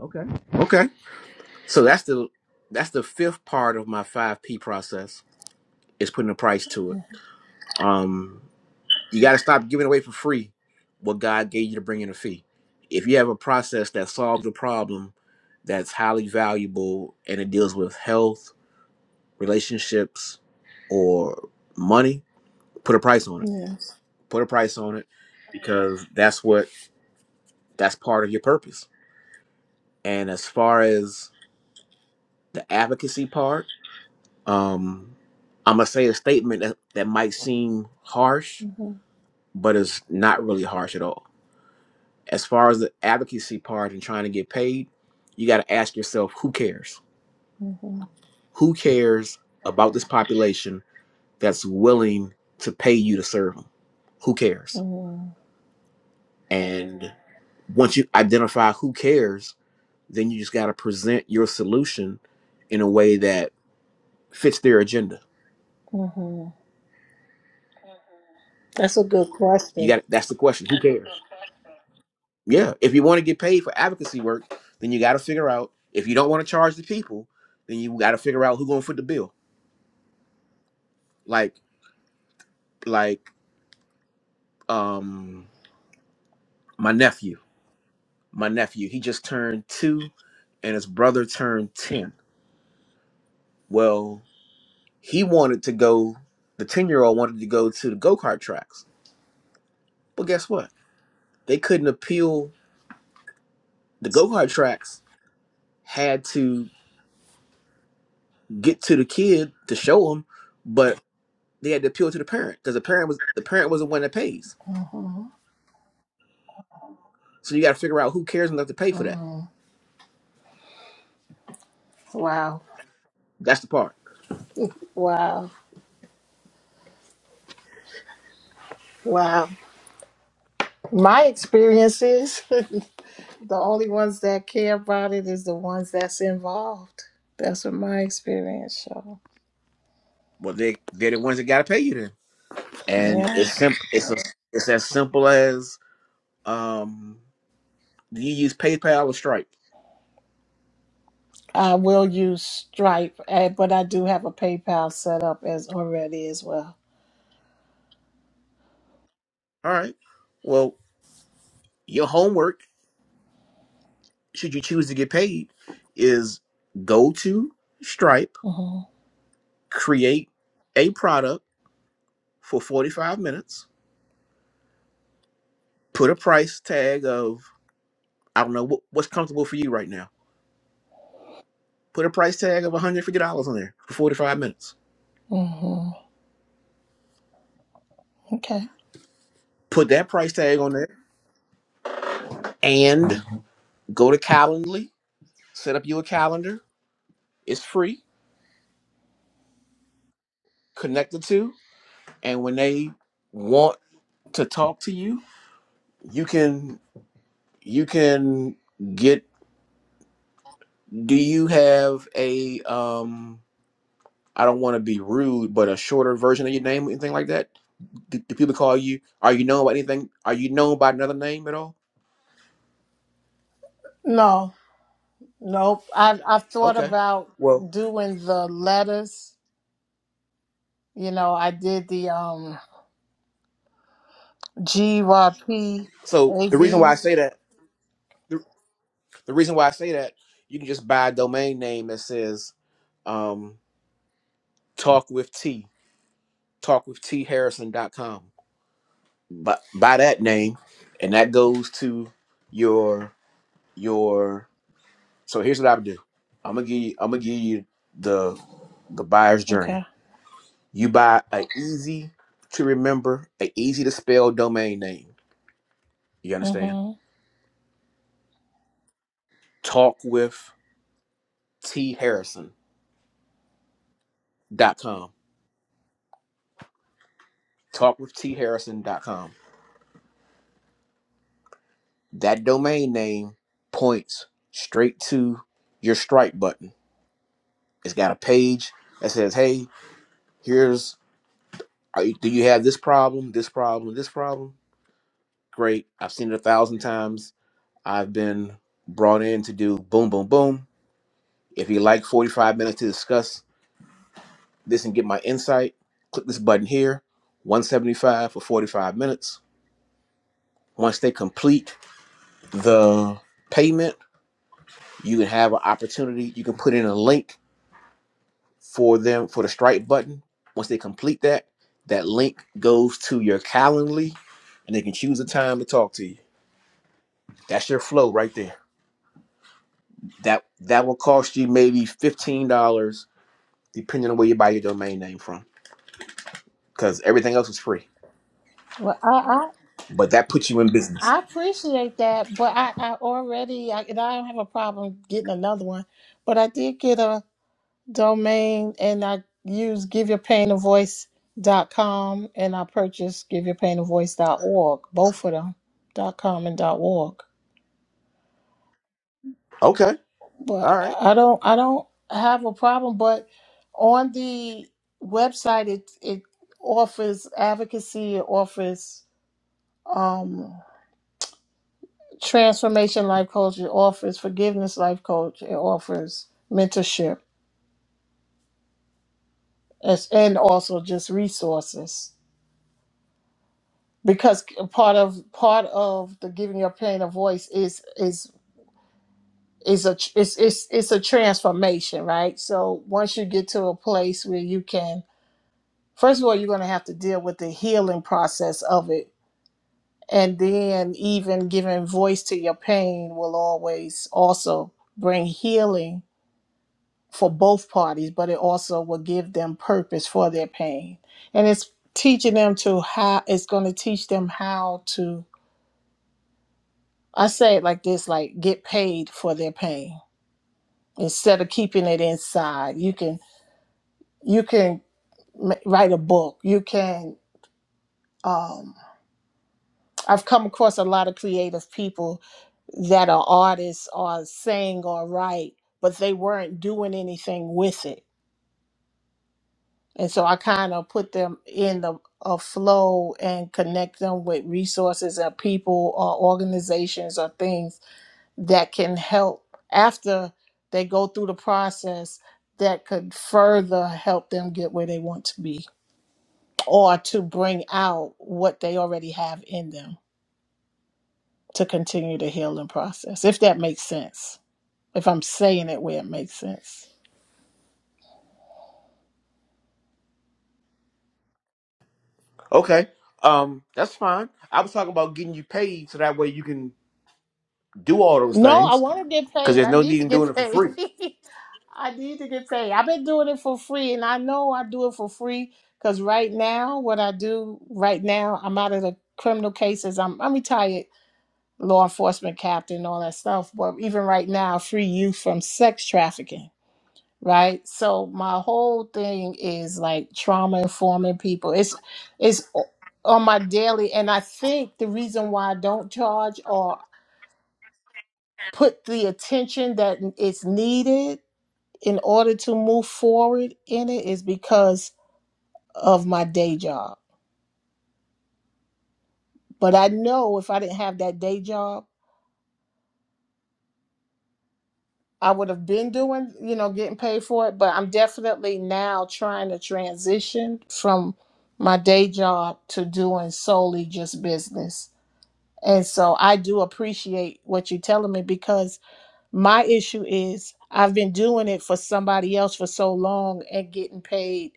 A: Okay. Okay. So that's the that's the fifth part of my five P process is putting a price to it. Um, You got to stop giving away for free what God gave you to bring in a fee. If you have a process that solves a problem that's highly valuable and it deals with health, relationships, or money, put a price on it.
H: Yes.
A: Put a price on it because that's what that's part of your purpose. And as far as the advocacy part, um, I'm gonna say a statement that, that might seem harsh,
H: hmm
A: but it's not really harsh at all as far as the advocacy part and trying to get paid, you got to ask yourself who cares?
H: hmm
A: Who cares about this population that's willing to pay you to serve them? Who cares?
H: hmm
A: And once you identify who cares, then you just got to present your solution in a way that fits their agenda.
H: hmm That's a good
A: You
H: question.
A: got that's the question. Who cares? Yeah, if you want to get paid for advocacy work, then you got to figure out if you don't want to charge the people, then you got to figure out who's going to foot the bill. Like like um my nephew my nephew he just turned two and his brother turned 10 well he wanted to go the 10 year old wanted to go to the go-kart tracks but guess what they couldn't appeal the go-kart tracks had to get to the kid to show him but they had to appeal to the parent because the parent was the parent was the one that pays
H: hmm
A: so you got to figure out who cares enough to pay for that
H: hmm Wow.
A: that's the part
H: Wow. Wow. My experiences, [LAUGHS] the only ones that care about it is the ones that's involved. That's what my experience shows.
A: well they they're the ones that got to pay you then and
H: Yeah.
A: it's simple it's a, it's as simple as Um, do you use PayPal or Stripe?
H: I will use Stripe, eh, but I do have a PayPal set up as already as well.
A: All right. Well, your homework, should you choose to get paid, is go to Stripe,
H: Mm-hmm.
A: create a product for 45 minutes, put a price tag of, I don't know, what, what's comfortable for you right now. Put a price tag of $150 on there for 45 minutes.
H: Mm-hmm. Okay.
A: Put that price tag on there and go to Calendly, set up you a calendar. It's free, connect the two, and when they want to talk to you, you can you can get do you have a um I don't want to be rude, but a shorter version of your name, anything like that? Do, do people call you? Are you known by anything? Are you known by another name at all?
H: No, nope. I've I've thought
A: Okay.
H: about
A: Well,
H: doing the letters. You know, I did the um G Y P
A: so
H: A
A: the reason why
H: V.
A: I say that, the, the reason why I say that, you can just buy a domain name that says um, talk with T, talk with T Harrison dot com." But by that name, and that goes to your your So here's what I would do. I'm gonna give you, I'm gonna give you the the buyer's journey.
H: Okay.
A: You buy a easy to remember, a easy to spell domain name. You understand?
H: Mm-hmm.
A: Talk with T Harrison dot com. Talk with T Harrison dot com. That domain name points straight to your Stripe button. It's got a page that says, "Hey, here's are you, do you have this problem, this problem, this problem? Great, I've seen it a thousand times I've been brought in to do boom, boom, boom. If you like 45 minutes to discuss this and get my insight, click this button here 175 for 45 minutes. Once they complete the payment, you can have an opportunity. You can put in a link for them for the Stripe button. Once they complete that, that link goes to your Calendly and they can choose a time to talk to you. That's your flow right there. That that will cost you maybe $15 depending on where you buy your domain name from because everything else is free.
H: Well, I, I
A: But that puts you in business.
H: I appreciate that, but I I already I, and I don't have a problem getting another one, but I did get a domain and I use give your pain a voice dot com and I purchased give your pain a voice dot org both of them, .com and .org.
A: Okay.
H: But
A: All right.
H: I don't I don't have a problem, but on the website it it offers advocacy, it offers um transformation life coach, it offers forgiveness life coach, it offers mentorship as and also just resources. because part of part of the giving your pain a voice is is is a tr- it's it's it's a transformation right so once you get to a place where you can first of all you're going to have to deal with the healing process of it and then even giving voice to your pain will always also bring healing for both parties but it also will give them purpose for their pain and it's teaching them to how it's going to teach them how to I say it like this, like get paid for their pain instead of keeping it inside. You can you can ma- write a book. You can um I've come across a lot of creative people that are artists or sing or write, but they weren't doing anything with it. And so I kind of put them in the a flow and connect them with resources or people or organizations or things that can help after they go through the process that could further help them get where they want to be or to bring out what they already have in them to continue the healing process, if that makes sense. If I'm saying it where it makes sense.
A: Okay. Um, that's fine. I was talking about getting you paid so that way you can do all those
H: No, I
A: things
H: want to get
A: because
H: paid.
A: there's
H: I
A: no
H: need
A: need
H: to
A: in
H: get
A: doing it for
H: paid.
A: free.
H: [LAUGHS] I need to get paid. I've been doing it for free, and I know I do it for free because right now, what I do right now, I'm out of the criminal cases. I'm I'm retired law enforcement captain, and all that stuff. But even right now, free youth from sex trafficking, right? So my whole thing is like trauma informing people. It's it's o- on my daily, and I think the reason why I don't charge or put the attention that is needed in order to move forward in it is because of my day job. But I know if I didn't have that day job. I would have been doing, you know, getting paid for it, but I'm definitely now trying to transition from my day job to doing solely just business. And so I do appreciate what you're telling me because my issue is I've been doing it for somebody else for so long and getting paid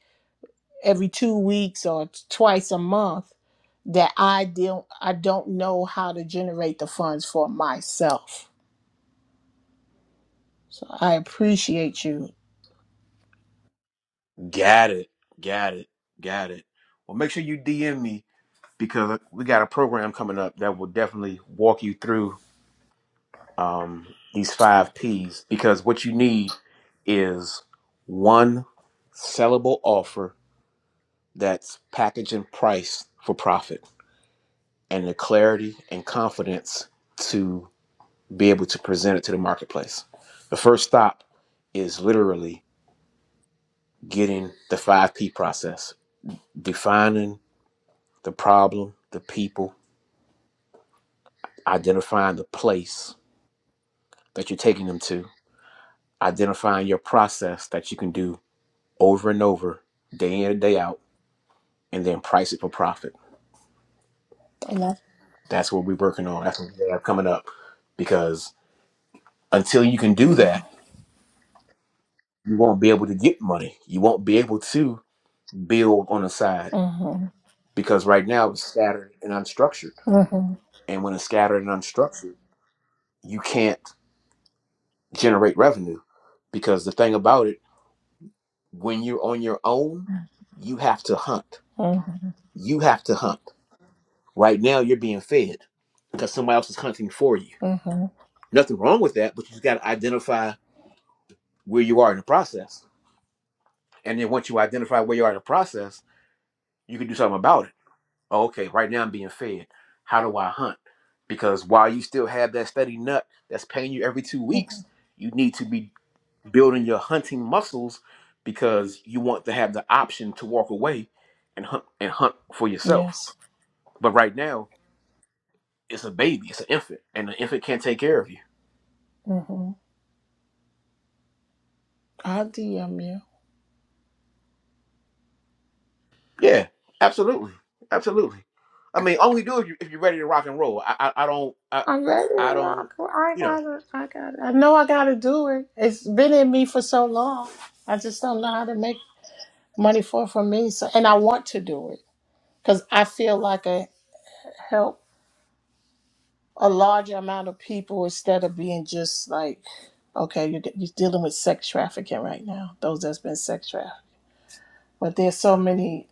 H: every two weeks or t- twice a month that I don't I don't know how to generate the funds for myself. So I appreciate you.
A: Got it. Got it. Got it. Well, make sure you DM me because we got a program coming up that will definitely walk you through um, these five P's because what you need is one sellable offer that's packaged and priced for profit and the clarity and confidence to be able to present it to the marketplace. The first stop is literally getting the 5P process, defining the problem, the people, identifying the place that you're taking them to, identifying your process that you can do over and over, day in and day out, and then price it for profit.
H: And that's
A: That's what we're working on. That's what we have coming up because until you can do
H: Yeah.
A: that, you won't be able to get money. You won't be able to build on the side
H: Mm-hmm.
A: because right now it's scattered and unstructured.
H: Mm-hmm.
A: And when it's scattered and unstructured, you can't generate revenue because the thing about it, when you're on your own, you have to hunt.
H: Mm-hmm.
A: You have to hunt. Right now, you're being fed because somebody else is hunting for you.
H: Mm-hmm.
A: Nothing wrong with that, but you got to identify where you are in the process. And then once you identify where you are in the process, you can do something about it oh, okay, right now I'm being fed. How do I hunt? Because while you still have that steady nut that's paying you every two
H: Mm-hmm.
A: weeks, you need to be building your hunting muscles because you want to have the option to walk away and hunt and hunt for yourself.
H: Yes.
A: But right now, it's a baby, it's an infant, and the infant can't take care of you.
H: Mm-hmm. I'll DM you.
A: Yeah, absolutely, absolutely. I mean, only do if, you, if you're ready to rock and roll. I, I, I don't, I,
H: I'm ready to
A: I don't,
H: rock. I
A: you know.
H: gotta, I gotta, I know I gotta do it. It's been in me for so long. I just don't know how to make money for for me. So, and I want to do it because I feel like I help a larger amount of people instead of being just like, okay, you're, you're dealing with sex trafficking right now. Those that's been sex trafficked, but there's so many,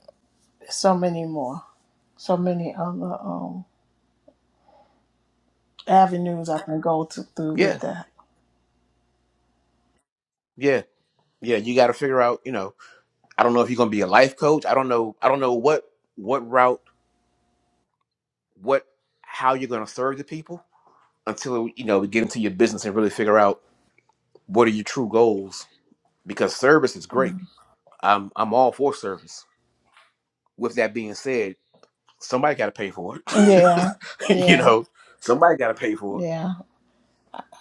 H: so many more, so many other. Um, avenues I can go to, through with
A: Yeah,
H: that.
A: yeah, yeah. You got to figure out, you know I don't know if you're going to be a life coach. I don't know. I don't know what what route, what how you're going to serve the people until you know we get into your business and really figure out what are your true goals. Because service is great.
H: Mhm.
A: I'm I'm all for service. With that being said, somebody got to pay for
H: Yeah,
A: it. [LAUGHS] you
H: yeah,
A: know, somebody got to pay for it.
H: yeah.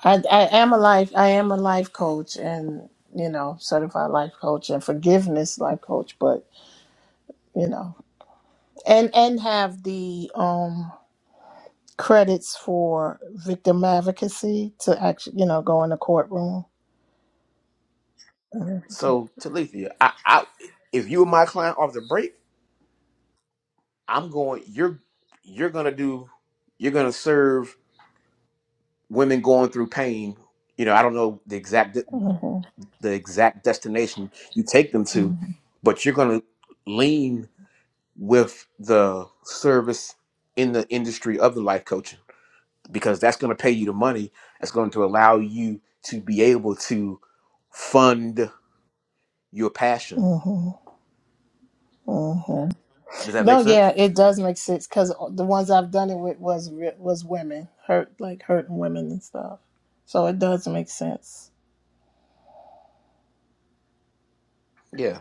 H: I I am a life I am a life coach and you know certified life coach and forgiveness life coach, but you know and and have the um credits for victim advocacy to actually you know go in the courtroom.
A: So Talithia, I, I if you were my client off the break, I'm going. You're you're going to do. You're going to serve women going through pain you know, I don't know the exact
H: Mm-hmm.
A: the exact destination you take them to, but you're going to lean with the service in the industry of the life coaching because that's going to pay you the money that's going to allow you to be able to fund your passion.
H: Mm-hmm. Mm-hmm.
A: Does that make
H: No,
A: sense?
H: yeah, it does make sense because the ones I've done it with was re- was women hurt, like hurting women and stuff. So it does make sense.
A: Yeah.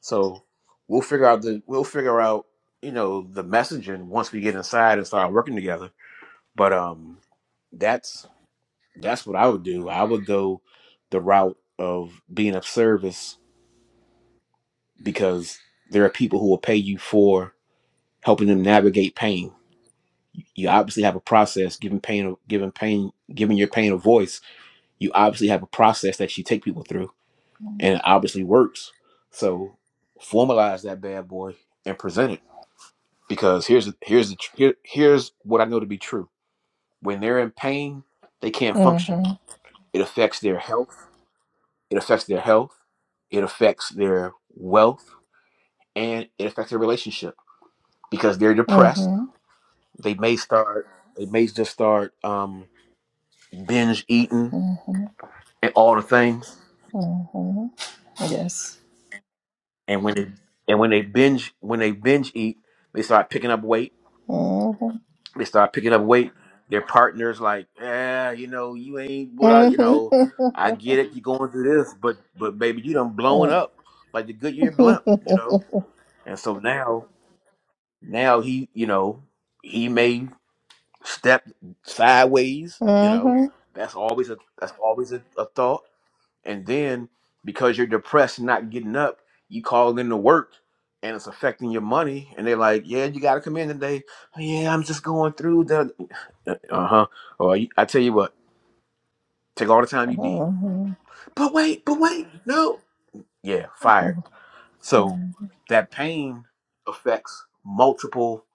A: So we'll figure out the we'll figure out you know the messaging once we get inside and start working together. But um, that's. That's what I would do. I would go the route of being of service because there are people who will pay you for helping them navigate pain. You obviously have a process, giving pain, giving pain, giving your pain a voice. You obviously have a process that you take people through, and it obviously works. So formalize that bad boy and present it. Because here's here's the, here, here's what I know to be true. When they're in pain, they can't function.
H: Mhm.
A: It affects their health It affects their health, it affects their wealth, and it affects their relationship because they're depressed.
H: Mhm.
A: They may start, they may just start um, binge eating
H: Mhm.
A: and all the things.
H: Mhm. Yes.
A: And when they and when they binge when they binge eat, they start picking up weight.
H: Mhm.
A: They start picking up weight. Their partner's like, yeah, you know, you ain't what I, you
H: Mhm. [LAUGHS]
A: know, I get it. You're going through this, but but baby, you done blowing up like the Goodyear blimp, you know. And so now Now he, you know, he may step sideways. You know,
H: Mhm.
A: that's always a that's always a, a thought. And then because you're depressed, and not getting up, you call in to work, and it's affecting your money. And they're like, "Yeah, you got to come in today." "Oh, yeah, I'm just going through the uh huh. Or you- I tell you what, take all the
H: Mhm.
A: time you need.
H: Mhm.
A: But wait, but wait, no. Yeah, fired. So that pain affects multiple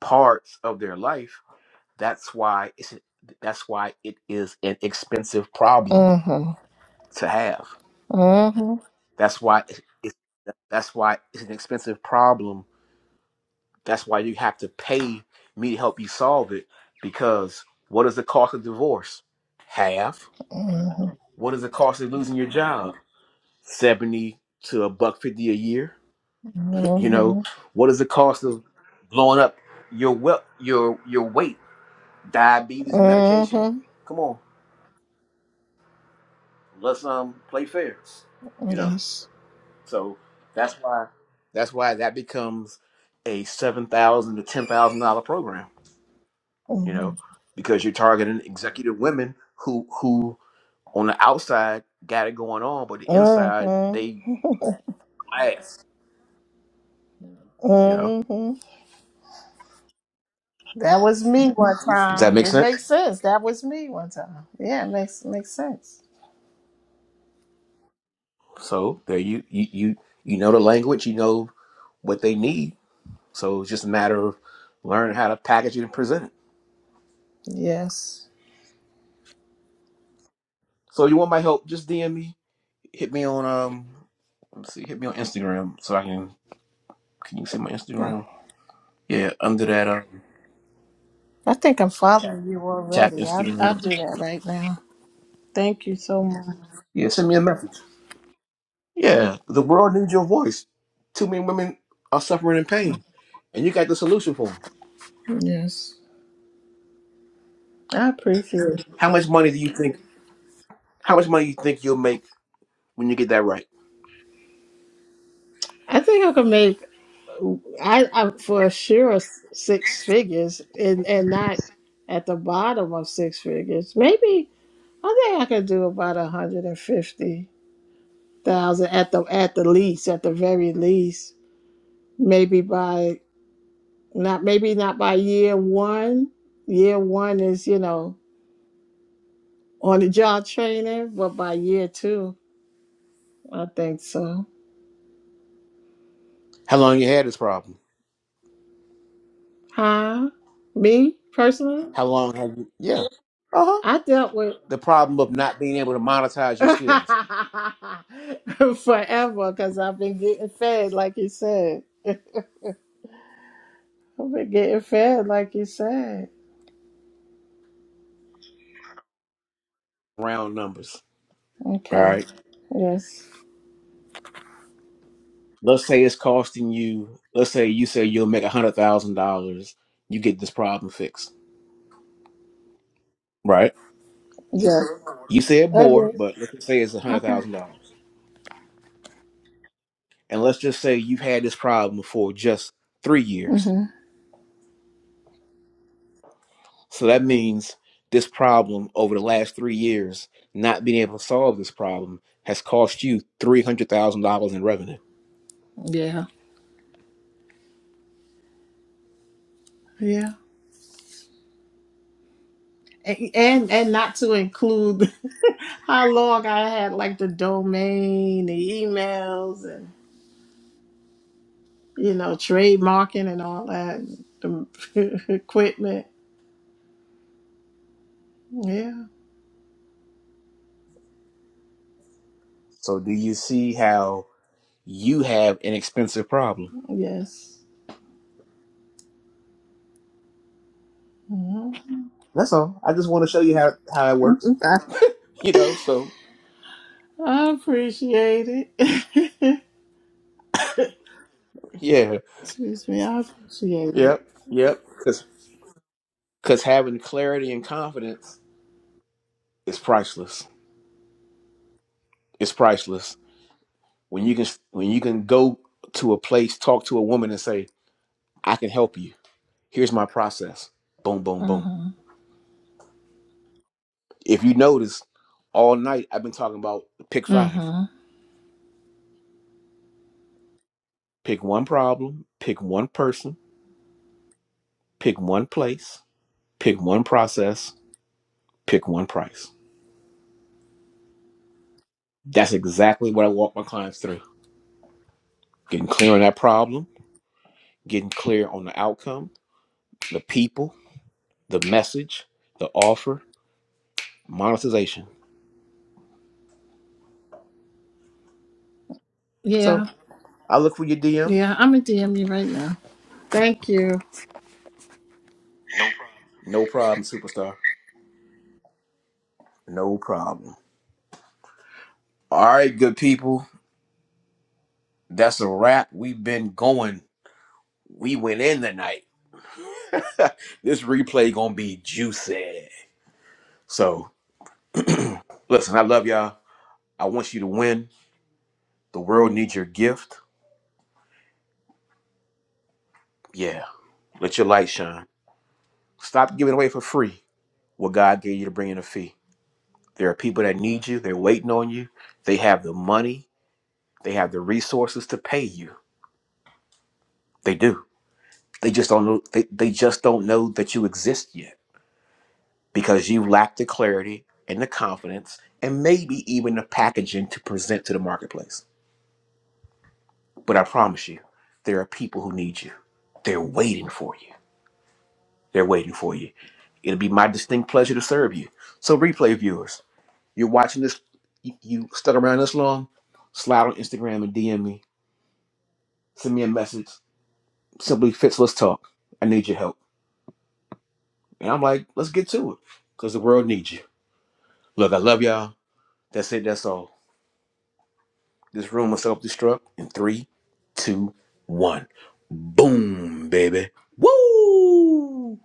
A: parts of their life That's why it's that's why it is an expensive
H: Mhm.
A: problem
H: Mhm.
A: to have.
H: Mhm.
A: That's why it's, that's why it's an expensive problem. That's why you have to pay me to help you solve it because what is the cost of divorce? Half. What is the cost of losing your job? 70 to a buck 50 a year. [LAUGHS] You know,
H: Mhm.
A: what is the cost of blowing up your well, your your weight, diabetes and medication?
H: Mhm.
A: Come on. Let's um play fair,
H: Hmm.
A: you know.
H: Yes.
A: So that's why that's why that becomes a seven thousand to ten thousand dollar program, you know,
H: Mhm.
A: because you're targeting executive women who who on the outside got it going on, but the inside
H: Mhm.
A: they glass. You know,
H: Mhm. That was me one
A: does that
H: time.
A: make
H: It
A: sense?
H: makes sense. That was me one time. Yeah, it makes makes sense.
A: So there you you you you know the language, you know what they need. So it's just a matter of learning how to package it and present it.
H: Yes.
A: So you want my help? Just DM me Hit me on um let's see, hit me on Instagram so I can can you see my
H: Yeah.
A: Instagram? Yeah, under that um
H: I think I'm following you
A: tap
H: already. I'll, I'll
A: Instagram.
H: do that right now. Thank you so much.
A: Yeah, send me a message. Yeah. The world needs your voice. Too many women are suffering in pain. And you got the solution for them.
H: Yes. I appreciate it.
A: How much money do you think how much money you think you'll make when you get that right?
H: I think I could make I, I for sure six figures and and not at the bottom of six figures. Maybe I think I could do about a hundred and fifty thousand at the at the least, at the very least. Maybe by not maybe not by year one. Year one is, you know, on the job training, but by year two, I think so.
A: How long you had this problem?
H: Huh? Me personally,
A: How long have you Yeah. Uh-huh.
H: I dealt with
A: The problem of not being able to monetize your skills.
H: [LAUGHS] forever because I've been getting fed, like you said. [LAUGHS] I've been getting fed, like you said.
A: Round numbers. All
H: Okay.
A: Right.
H: Yes.
A: Let's say it's costing you. Let's say you say you'll make a hundred thousand dollars. You get this problem fixed, right?
H: Yes.
A: You said more,
H: Okay.
A: but let's just say it's a hundred
H: Okay.
A: thousand dollars, and let's just say you've had this problem for just three years.
H: hmm
A: So that means this problem over the last three years, not being able to solve this problem, has cost you three hundred thousand dollars in revenue.
H: Yeah. Yeah. and and not to include [LAUGHS] how long I had like the domain, the emails, and you know trademarking and all that, the [LAUGHS] equipment. Yeah,
A: So do you see how you have an expensive problem?
H: yes, hmm
A: That's all. I just want to show you how how it works. You know, so
H: I appreciate it. [LAUGHS]
A: yeah.
H: Excuse me, I appreciate it.
A: Yep. Yep. Because because having clarity and confidence is priceless. It's priceless when you can when you can go to a place, talk to a woman, and say, "I can help you. Here's my process." Boom, boom,
H: Uh
A: boom.
H: huh.
A: If you notice, all night I've been talking about pick
H: Uh
A: five.
H: huh.
A: Pick one problem. Pick one person. Pick one place. Pick one process. Pick one price. That's exactly what I walk my clients through. Getting clear on that problem. Getting clear on the outcome. The people the message, the offer, monetization.
H: Yeah,
A: So I look for your DM.
H: yeah. I'm a DM you right now. Thank you.
A: No problem, superstar. No problem. All right, good people. That's a wrap. We've been going. We went in the night. [LAUGHS] this replay gonna be juicy. So listen, I love y'all. I want you to win. The world needs your gift. Yeah. Let your light shine. Stop giving away for free what God gave you to bring in a fee. There are people that need you. They're waiting on you. They have the money. They have the resources to pay you. They do. They just don't know they, they just don't know that you exist yet because you lack the clarity and the confidence and maybe even the packaging to present to the marketplace. But I promise you, there are people who need you. They're waiting for you. They're waiting for you. It'll be my distinct pleasure to serve you. So replay viewers, you're watching this you you stuck around this long, slide on Instagram and DM me, send me a message. Simply Fitz, let's talk. I need your help. And I'm like, let's get to it because the world needs you. Look, I love y'all. That's it. That's all. This room will self destruct in three, two, one. Boom, baby. Woo!